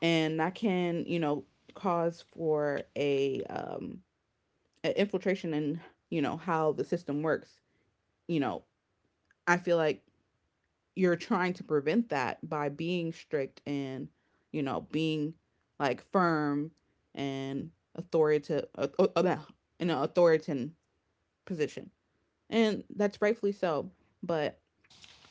S1: And that can, you know, cause for a infiltration in, you know, how the system works. You know, I feel like you're trying to prevent that by being strict and, you know, being like firm and authoritative, in an authoritarian position, and that's rightfully so. But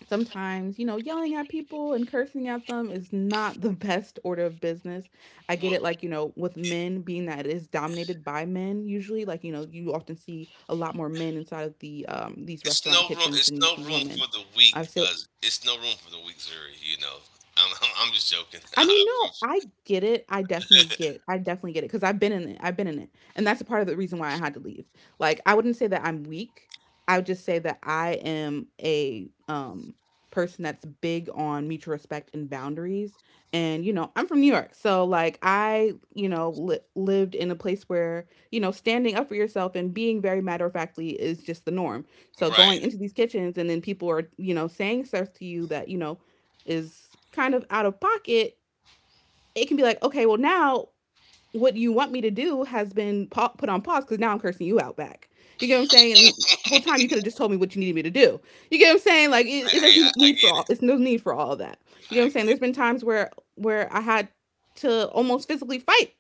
S1: sometimes, you know, yelling at people and cursing at them is not the best order of business. I get
S2: Well,
S1: it, like, you know, with men, being that it is dominated by men. Usually, like, you know, you often see a lot more men inside of the these
S2: it's
S1: restaurant
S2: no room.
S1: kitchens
S2: It's
S1: than you
S2: no
S1: see
S2: room
S1: women.
S2: for the weak.
S1: I've still
S2: Uh, it's no room for the weak, Zuri. I'm just joking.
S1: I
S2: I
S1: mean, no,
S2: promise
S1: I get it. I definitely
S2: you.
S1: get. I definitely get it because I've been in it. I've been in it, and that's a part of the reason why I had to leave. Like, I wouldn't say that I'm weak. I would just say that I am a person that's big on mutual respect and boundaries. And you know, I'm from New York, so like I, you know, lived in a place where you know standing up for yourself and being very matter of factly is just the norm. So
S2: Right.
S1: going into these kitchens, and then people are, you know, saying stuff to you that, you know, is kind of out of pocket, it can be like, okay, well, now what you want me to do has been put on pause because now I'm cursing you out back. You get what I'm saying? And the whole time you could have just told me what you needed me to do. You get what I'm saying? Like it
S2: Hey, I,
S1: doesn't
S2: I
S1: need
S2: get
S1: for all.
S2: it.
S1: It's no need for all of that. You get
S2: I
S1: what I'm saying?
S2: get
S1: There's
S2: it.
S1: been times where I had to almost physically fight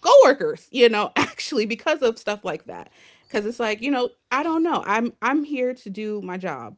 S1: coworkers, you know, actually because of stuff like that. Cuz it's like, you know, I don't know. I'm here to do my job.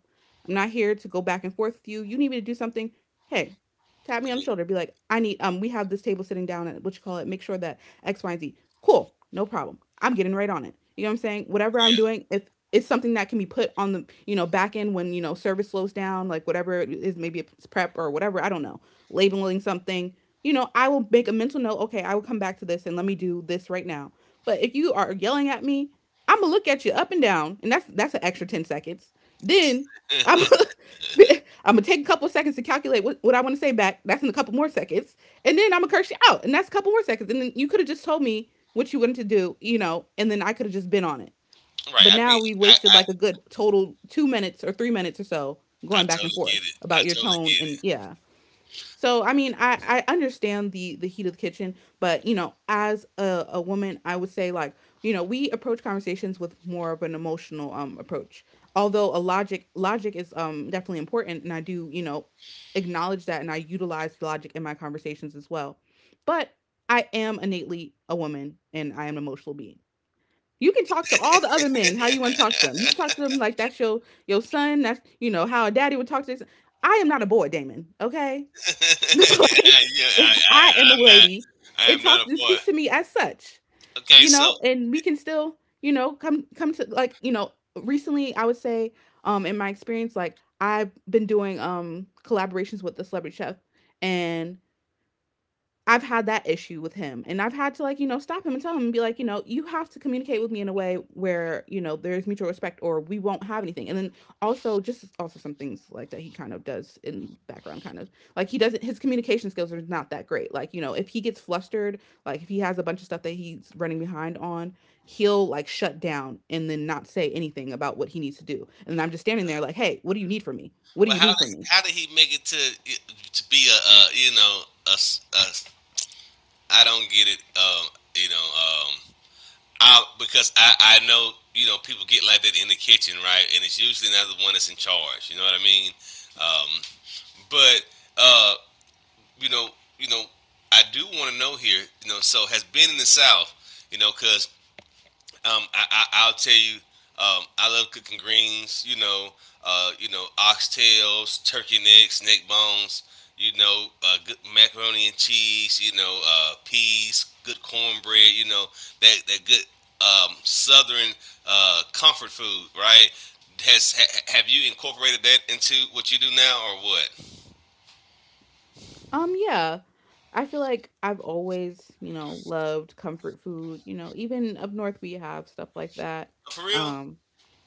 S1: I'm not here to go back and forth with you. You need me to do something? Hey, tap me
S2: I
S1: on the
S2: mean,
S1: shoulder. Be like, "I need, we have this table sitting down at what you call it. Make sure that X Y and Z." Cool. No problem. I'm getting right on it. You know what I'm saying? Whatever I'm
S2: yeah.
S1: doing, if it's something that can be put on the, you know, back end when, you know, service slows down, like whatever it is, maybe it's prep or whatever, I don't know, labeling something, you know, I will make a mental note, okay, I will come back to this and let me do this right now. But if you are yelling at me, I'm gonna look at you up and down, and that's an extra 10 seconds. Then I'm I'm gonna take a couple of seconds to calculate what I want to say back. That's in a couple more seconds, and then I'm gonna curse you out, and that's a couple more seconds. And then you could have just told me what you wanted to do, you know, and then I could have just been on it.
S2: Right.
S1: But
S2: I
S1: now
S2: mean,
S1: we
S2: I,
S1: wasted
S2: I,
S1: like a good total 2 minutes or 3 minutes or so
S2: I
S1: going back and
S2: totally get
S1: forth
S2: it. I
S1: about your
S2: totally
S1: tone
S2: get
S1: and
S2: it.
S1: yeah. So I mean, I understand the heat of the kitchen, but you know, as a woman, I would say like, you know, we approach conversations with more of an emotional approach. Although a logic is definitely important, and I do, you know, acknowledge that, and I utilize logic in my conversations as well. But I am innately a woman, and I am an emotional being. You can talk to all the other men how you want to talk to them. You can talk to them like that's your son. That's, you know, how a daddy would talk to his. I am not a boy, Damon. Okay, like,
S2: Yeah.
S1: I am a
S2: I'm not.
S1: lady.
S2: I
S1: It
S2: am not a
S1: talks and
S2: boy.
S1: speak to me as such.
S2: Okay. So,
S1: And we can still, come come to, recently, I would say, in my experience, like, I've been doing collaborations with the celebrity chef, and I've had that issue with him, and I've had to, like, you know, stop him and tell him and be like, you know, you have to communicate with me in a way where, you know, there's mutual respect or we won't have anything. And then also, just also some things like that he kind of does in the background, kind of like, he doesn't— his communication skills are not that great. Like, you know, if he gets flustered, like if he has a bunch of stuff that he's running behind on, he'll like shut down and then not say anything about what he needs to do. And then I'm just standing there like, "Hey, what do you need from me? What do
S2: well,
S1: you
S2: how
S1: need
S2: did
S1: from me?"
S2: he make it to be a, you know a s- I don't get it. You know, um, I because I know people get like that in the kitchen, right? And it's usually not the one that's in charge. You know what I mean? Um, but uh, you know, you know, I do want to know here. So has been in the South. Because I'll tell you. I love cooking greens. Oxtails, turkey necks, neck bones. Good macaroni and cheese. Peas, good cornbread. That good southern comfort food, right? Have you incorporated that into what you do now, or what?
S1: Yeah. I feel like I've always, you know, loved comfort food. You know, even up north we have stuff like that.
S2: For real?
S1: um,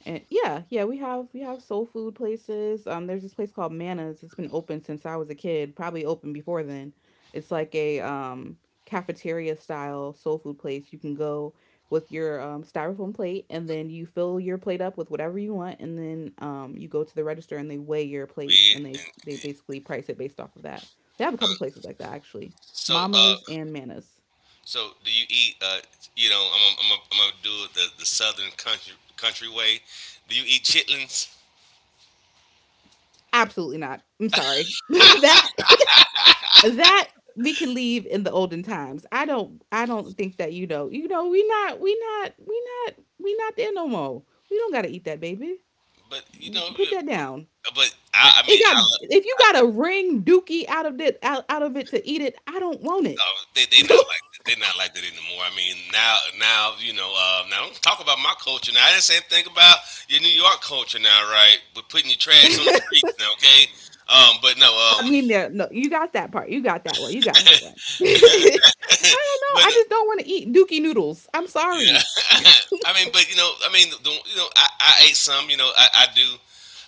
S1: and yeah, yeah, we have soul food places. There's this place called Mana's. It's been open since I was a kid, probably open before then. It's like a cafeteria style soul food place. You can go with your styrofoam plate, and then you fill your plate up with whatever you want, and then you go to the register and they weigh your plate,
S2: Yeah.
S1: and they they basically price it based off of that. They have a
S2: Uh,
S1: couple places like that actually,
S2: so, uh,
S1: Mama's and Mana's.
S2: So do you eat? I'm gonna do it the southern country way. Do you eat chitlins?
S1: Absolutely not. I'm sorry. That we can leave in the olden times. I don't think that, you know, we not we not there no more. We don't gotta eat that, baby.
S2: But you know,
S1: Put
S2: you-
S1: that
S2: but,
S1: down.
S2: but I
S1: It
S2: mean, I
S1: got—
S2: love.
S1: if you got a ring dookie out of it, out of it to eat it, I don't want it.
S2: They not like that. They not like that anymore. I mean, now now don't talk about my culture now. I didn't say anything about your New York culture now, right? But putting your trash on the
S1: I
S2: streets now, okay? But no,
S1: mean, there no— you got that part. You got that one. You got that one. I don't
S2: but
S1: know. I just don't want to eat dookie noodles. I'm
S2: yeah.
S1: sorry.
S2: I mean, but you know, I mean, I ate some. You know, I do.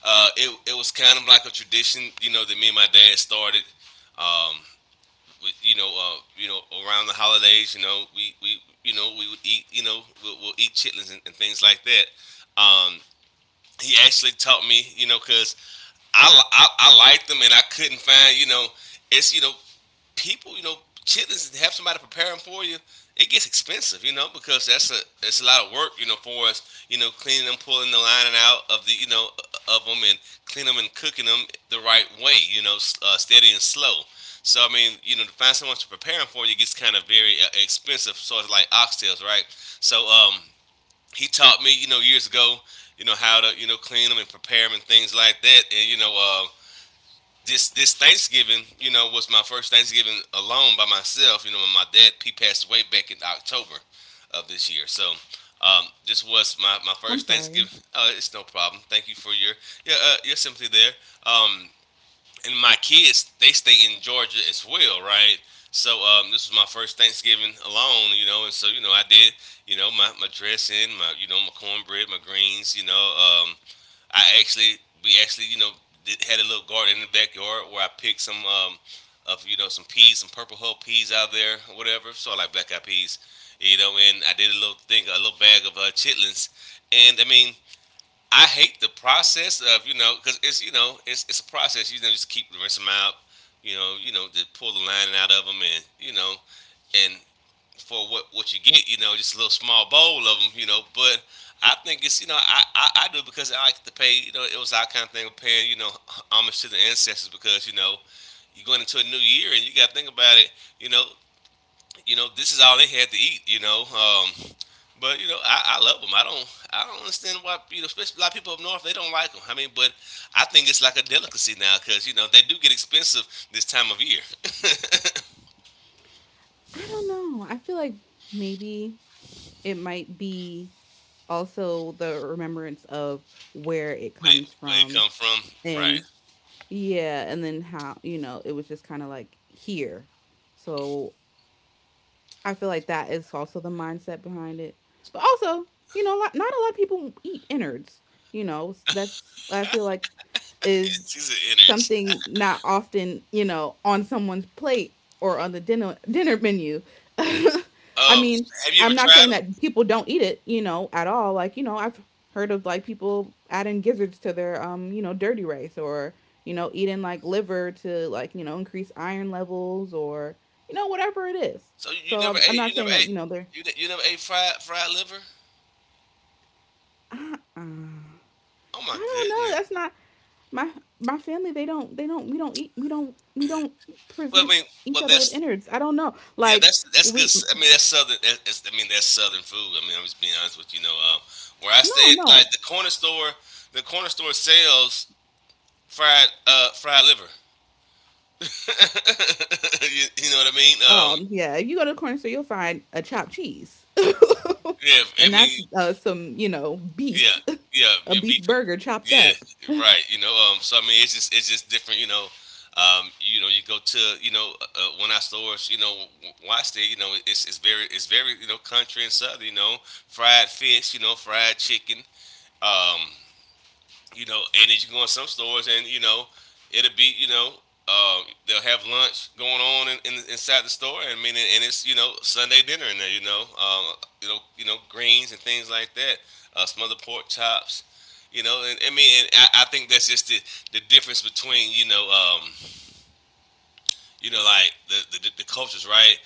S2: It was kind of like a tradition, you know, that me and my dad started. Um, with, around the holidays, you know, we would eat, we'll eat chitlins and things like that. Um, he actually taught me, you know, because I liked them and I couldn't find, you know, it's you know people, you know, chitlins to have somebody preparing for you. It gets expensive, you know, because that's a it's a lot of work, you know, for us, you know, cleaning them, pulling the lining out of of them, and cleaning them and cooking them the right way, steady and slow. So I mean, you know, to find someone to prepare them for you gets kind of very expensive, sort of like oxtails, right? So, he taught me, you know, years ago, you know, how to, you know, clean them and prepare them and things like that, and this Thanksgiving, you know, was my first Thanksgiving alone by myself. You know, when my dad he passed away back in October of this year. So, this was my
S1: I'm
S2: first
S1: sorry.
S2: Thanksgiving. Oh, it's no problem. Thank you for your sympathy there. Um, and my kids they stay in Georgia as well, right? So, this was my first Thanksgiving alone, you know, and so you know I did my dressing, my cornbread, my greens, you know. Um, I actually We actually you know had a little garden in the backyard where I picked some of you know some peas, some purple hull peas out there, or whatever. So I like black eyed peas, you know. And I did a little thing, a little bag of chitlins, and I mean. I hate the process of because it's a process just keep rinse them out to pull the lining out of them, and and for what you get. You know, just a little small bowl of them. You know, but I think it's, I do it because I like to pay. You know, it was our kind of thing of paying homage to the ancestors because you know you're going into a new year and you got to think about it. You know, this is all they had to eat. You know. But you know, I love them. I don't understand why you know, especially a lot of people up north they don't like them. I mean, but I think it's like a delicacy now because you know they do get expensive this time of year.
S1: I don't know. I feel like maybe it might be— also, the remembrance of where it comes
S2: Where it
S1: from.
S2: come from, right?
S1: And yeah, and then how, you know, it was just kind of like here. So, I feel like that is also the mindset behind it. But also, you know, not a lot of people eat innards, you know, that's— I feel like
S2: It's
S1: is
S2: an ignorance.
S1: something not often, you know, on someone's plate or on the dinner menu. I
S2: Oh,
S1: mean,
S2: have you
S1: I'm
S2: ever
S1: not
S2: tried
S1: saying
S2: them?
S1: that people don't eat it, you know, at all. Like, you know, I've heard of like people adding gizzards to their you know, dirty rice, or, you know, eating like liver to, like, you know, increase iron levels or, you know, whatever it is.
S2: So you
S1: So
S2: never
S1: I'm— I'm
S2: ate,
S1: not
S2: you never
S1: saying that,
S2: ate,
S1: you know, they're—
S2: you, ne- You never ate fried liver?
S1: uh-uh.
S2: Oh
S1: I
S2: my
S1: don't know.
S2: goodness.
S1: That's not my my family, they don't— they don't we don't eat— we don't
S2: Well, I
S1: present
S2: mean,
S1: each
S2: well
S1: other with
S2: that's
S1: innards. I don't know.
S2: yeah,
S1: Like,
S2: that's good.
S1: we
S2: I mean, that's southern. That's, I mean, that's southern food. I mean, I'm just being honest with you. Where I
S1: no,
S2: stay, at, like
S1: no.
S2: the corner store sells fried liver. You know what I mean?
S1: Um, yeah, if you go to the corner store, you'll find a chopped cheese,
S2: Yeah,
S1: and
S2: I mean,
S1: that's some, you know,
S2: yeah,
S1: beef,
S2: yeah,
S1: a
S2: yeah,
S1: beef
S2: beef.
S1: burger chopped
S2: Yeah,
S1: up.
S2: right. So I mean, it's just different. You know, you go to one of our stores. You know, why stay? You know, it's very you know country and southern. You know, fried fish. You know, fried chicken. Um, and then you go in some stores and you know, it'll be you know, uh, they'll have lunch going on inside the store. I mean, and it's you know Sunday dinner in there, greens and things like that, smothered pork chops, you know, and I mean, and I think that's just the difference between you know. Like the cultures, right?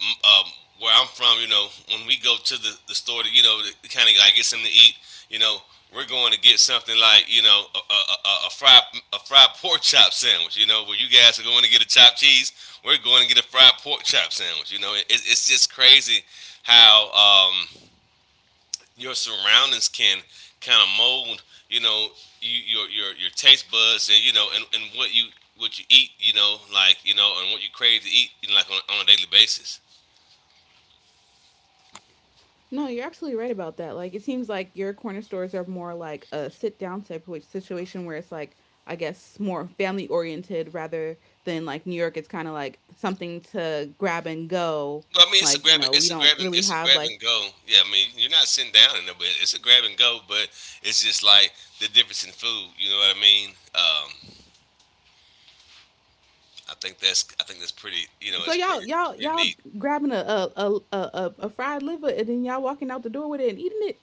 S2: Um, where I'm from, you know, when we go to the store to kind of like get something to eat, you know, we're going to get something like, you know, a, a fried a fried pork chop sandwich, you know, where you guys are going to get a chopped cheese, we're going to get a fried pork chop sandwich, you know. It's just crazy how your surroundings can kind of mold, you know, your taste buds and you know and what you eat, you know, like you know, and what you crave to eat, you know, like on a daily basis.
S1: No, you're absolutely right about that. Like, it seems like your corner stores are more like a sit down type of situation where it's like, I guess, more family oriented rather than like New York. It's kind of like something to grab and go.
S2: Well, I mean,
S1: Like, you know, we don't really
S2: it's a
S1: have
S2: grab
S1: like—
S2: and go. Yeah, I mean, you're not sitting down in there, but it's a grab and go. But it's just like the difference in food. You know what I mean? I think that's pretty. You know,
S1: so y'all,
S2: it's
S1: y'all,
S2: pretty
S1: y'all
S2: neat.
S1: grabbing a a fried liver, and then y'all walking out the door with it and eating it.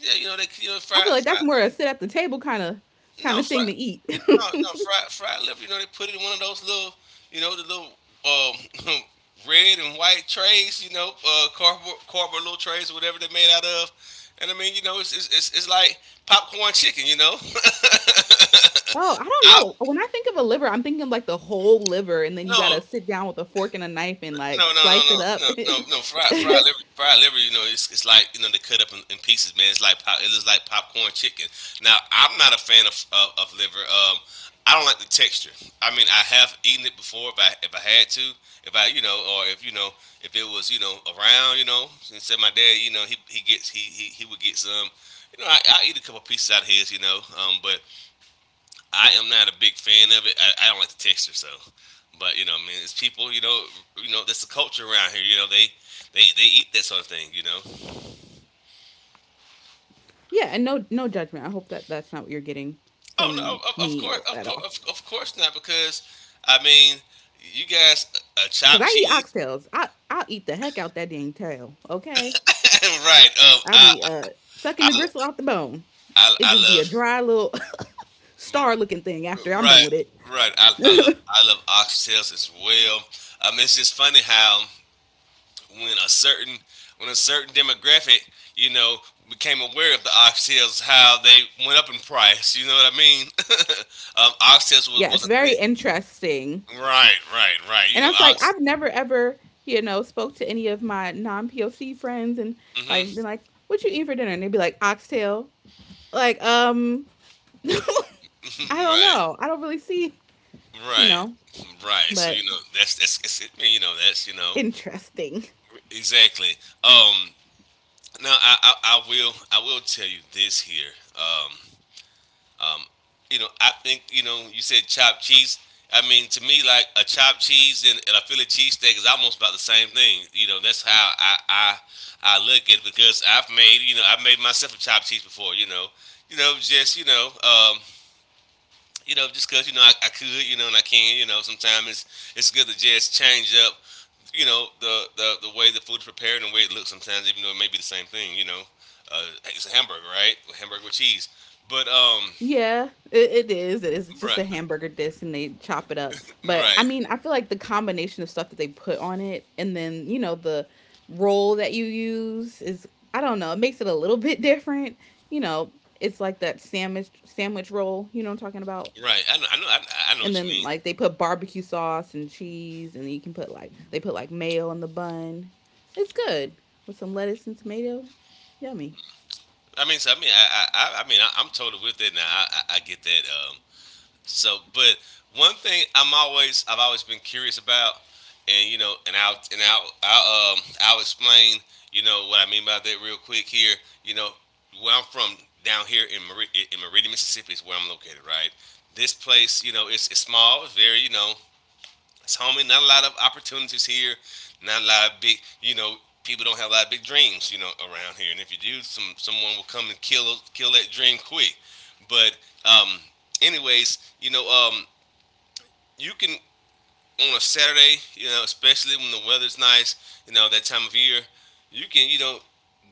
S2: Yeah, you know, you know,
S1: I feel like that's
S2: fried.
S1: more a sit at the table kind
S2: No,
S1: of thing
S2: fried.
S1: to eat.
S2: No, no, fried liver. You know, they put it in one of those little, you know, the little um, red and white trays. Cardboard little trays or whatever they're made out of. And I mean, you know, it's like popcorn chicken. You know,
S1: Oh, I don't
S2: I
S1: know. When I think of a liver, I'm thinking of, like, the whole liver, and then you
S2: no,
S1: gotta sit down with a fork and a knife and,
S2: no, no,
S1: like,
S2: no,
S1: slice it
S2: no,
S1: up
S2: no, no,
S1: and
S2: no. Fried liver, fried liver. You know, it's like you know they cut up in pieces, man. It looks like popcorn chicken. Now, I'm not a fan of liver. I don't like the texture. I mean, I have eaten it before if I had to, if I you know, or if it was around, you know, and said my dad, you know, he would get some. You know, I eat a couple pieces out of his, but I am not a big fan of it. I don't like the texture, so. But I mean, it's people. That's the culture around here. You know, they eat that sort of thing. You know.
S1: yeah, and no, no judgment. I hope that that's not what you're getting
S2: Oh
S1: from
S2: no, of, of course,
S1: me
S2: of
S1: at all.
S2: course, of, of course not, because I mean, you guys,
S1: Cause
S2: chopped
S1: I eat
S2: cheese,
S1: oxtails. I I'll eat the heck out that dang tail, okay?
S2: right?
S1: I be, sucking
S2: I
S1: the gristle out the bone.
S2: I,
S1: It
S2: I
S1: just be a
S2: love.
S1: dry little star looking thing after I'm
S2: Right.
S1: done with it.
S2: Right. I love oxtails as well. It's just funny how when a certain when a certain demographic, you know, became aware of the oxtails, how they went up in price. You know what I mean? Oxtails was,
S1: Yeah, it's
S2: was a thing.
S1: very interesting.
S2: Right, right, right. You
S1: And I
S2: know,
S1: was like,
S2: ox.
S1: I've never ever, you know, spoke to any of my non POC friends and like
S2: Hmm.
S1: been like, what you eat for dinner? And they'd be like, oxtail. Like, I don't
S2: right,
S1: know. I don't really see, you
S2: right,
S1: know,
S2: right. So,
S1: but
S2: that's it, man. You know, that's you know
S1: interesting.
S2: Exactly. Um, now I will tell you this here. um, Um, I think you said chopped cheese. I mean, to me, like a chopped cheese and a Philly cheesesteak is almost about the same thing. You know, that's how I look at it because I've made myself a chopped cheese before. You know just you know Just because I could, and I can, sometimes it's good to just change up the way the food is prepared and the way it looks sometimes, even though it may be the same thing. Uh, it's a hamburger, right? A hamburger with cheese, but
S1: Yeah, it is. It is just
S2: right.
S1: a hamburger disc and they chop it up. But I
S2: Right,
S1: mean, I feel like the combination of stuff that they put on it and then, you know, the roll that you use is— I don't know, it makes it a little bit different. You know, it's like that sandwich roll, you know what I'm talking about?
S2: right. I know
S1: And
S2: what you
S1: then
S2: mean.
S1: like they put barbecue sauce and cheese and you can put— like they put like mayo on the bun. It's good with some lettuce and tomato. Yummy.
S2: I mean, so I'm totally with it now. I get that. So, but one thing I've always been curious about, and I'll explain, you know what I mean by that real quick here. You know, where I'm from down here in Meridian, Mississippi, is where I'm located. Right, this place, it's small, it's very, you know. That's homie. Not a lot of opportunities here. Not a lot of big, people don't have a lot of big dreams, around here. And if you do, someone will come and kill that dream quick. But um, anyways, you can, on a Saturday, you know, especially when the weather's nice, you know, that time of year, you can, you know,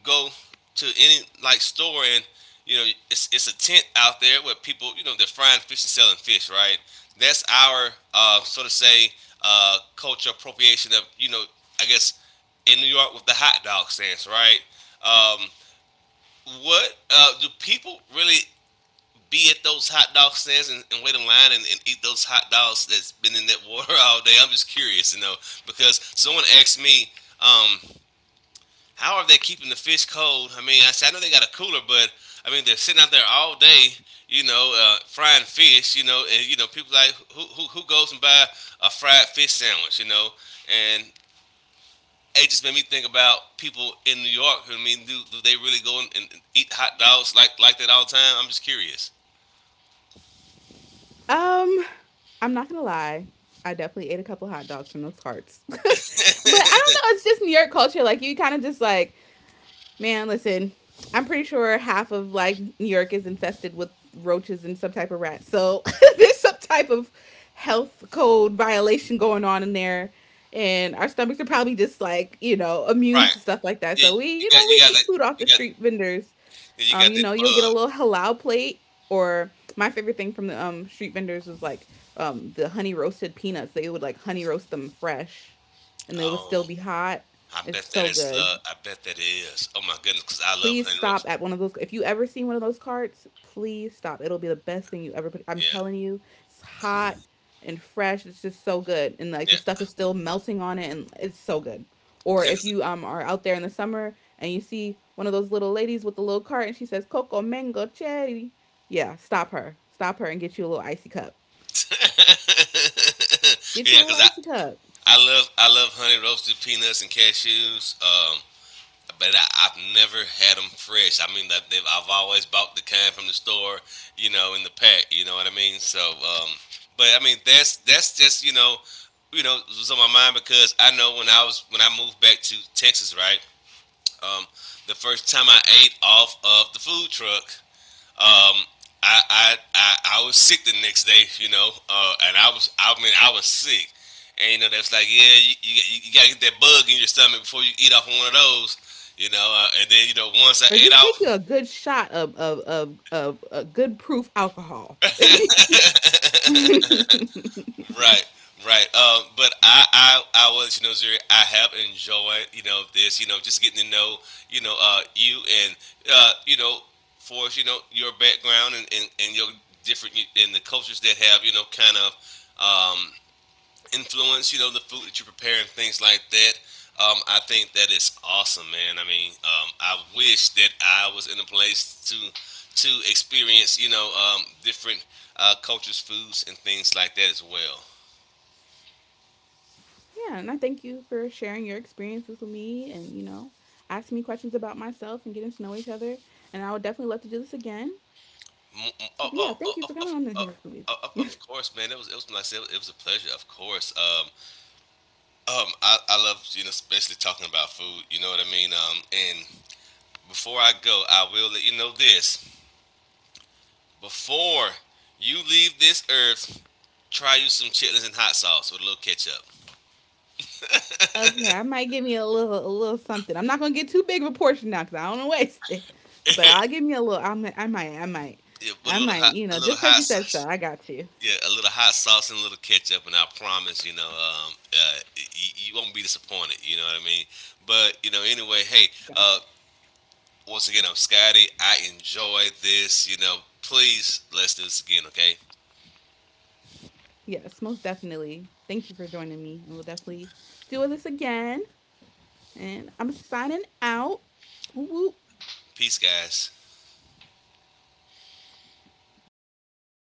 S2: go to any like store, and you know, it's a tent out there where people, you know, they're frying fish and selling fish, right? That's our, so to say, culture appropriation of, you know, I guess, in New York with the hot dog stands, right? Um, what, do people really be at those hot dog stands and, wait in line and eat those hot dogs that's been in that water all day? I'm just curious, you know, because someone asked me, um, how are they keeping the fish cold? I mean, I said, I know they got a cooler, but I mean, they're sitting out there all day, you know, frying fish, you know, and you know, people like, who goes and buy a fried fish sandwich, you know, and it just made me think about people in New York. I mean, do they really go and eat hot dogs like that all the time? I'm just curious.
S1: Um I'm not gonna lie. I definitely ate a couple hot dogs from those carts. But I don't know, it's just New York culture. Like, you kind of just like, man, listen, I'm pretty sure half of like New York is infested with roaches and some type of rats. So there's some type of health code violation going on in there. And our stomachs are probably just like, you know, immune
S2: Right.
S1: to stuff like that.
S2: Yeah,
S1: So we, you know, we
S2: you got
S1: eat
S2: that
S1: food off
S2: you
S1: the
S2: got
S1: street vendors.
S2: yeah, you got
S1: You
S2: that
S1: know, you'll get a
S2: bug.
S1: little halal plate, or my favorite thing from the street vendors was like the honey roasted peanuts. They would like honey roast them fresh, and they would still
S2: Oh,
S1: be hot.
S2: I
S1: It's
S2: bet that
S1: so
S2: is
S1: good.
S2: love. I bet that it is. Oh my goodness, because I love
S1: Please
S2: honey roast.
S1: stop at one of those. If you ever see one of those carts, please stop. It'll be the best thing you ever put. I'm
S2: Yeah,
S1: telling you, it's hot and fresh. It's just so good, and like
S2: yeah,
S1: the stuff is still melting on it, and it's so good. Or
S2: yeah.
S1: if you are out there in the summer and you see one of those little ladies with the little cart and she says coco mango cherry, yeah, stop her, and get you a little icy cup. Get
S2: Yeah,
S1: you a little
S2: because I
S1: icy cup,
S2: I love I love honey roasted peanuts and cashews. But I've never had them fresh. I mean, I've always bought the kind from the store, you know, in the pack. You know what I mean? So, but I mean, that's just, it was on my mind because I know when I moved back to Texas, right? Um, the first time I ate off of the food truck, um, I was sick the next day, you know, and I mean, I was sick. And, you know, they was like, yeah, you got to get that bug in your stomach before you eat off one of those, you know. And then, you know, once I
S1: or
S2: ate
S1: just take
S2: off,
S1: you a good shot of a good proof alcohol.
S2: right, right. But I was, you know, Zuri, I have enjoyed, you know, this, you know, just getting to know, you and, you know, for us, you know, your background and, your different, and the cultures that have, you know, kind of, um, influence, you know, the food that you prepare and things like that. I think that is awesome, man. I mean, I wish that I was in a place to experience, you know, different, cultures, foods, and things like that as well.
S1: Yeah, and I thank you for sharing your experiences with me and, you know, asking me questions about myself and getting to know each other. And I would definitely love to do this again.
S2: M- m-
S1: So
S2: Oh,
S1: yeah,
S2: oh, oh,
S1: thank you
S2: of,
S1: for coming
S2: of,
S1: on in here with
S2: of, of
S1: me.
S2: of course, man. It was, like I said, it was a pleasure. Of course. I love, especially talking about food. You know what I mean. And before I go, I will let you know this. Before you leave this earth, try you some chitlins and hot sauce with a little ketchup.
S1: Okay, I might give me a little, a little something. I'm not gonna get too big of a portion now because I don't want to waste it. But I'll give me a little.
S2: Yeah, with a
S1: I
S2: little
S1: might.
S2: hot,
S1: You
S2: a
S1: know,
S2: little
S1: just because
S2: hot
S1: you said so,
S2: sauce.
S1: I got you.
S2: Yeah, a little hot sauce and a little ketchup, and I promise, you know, you won't be disappointed. You know what I mean? But you know, anyway, hey,
S1: So,
S2: uh, once again, I'm Scotty. I enjoyed this. You know, please, let's do this again, okay?
S1: yes, most definitely. Thank you for joining me, and we'll definitely do this again. And I'm signing out. Woo woo.
S2: Peace, guys.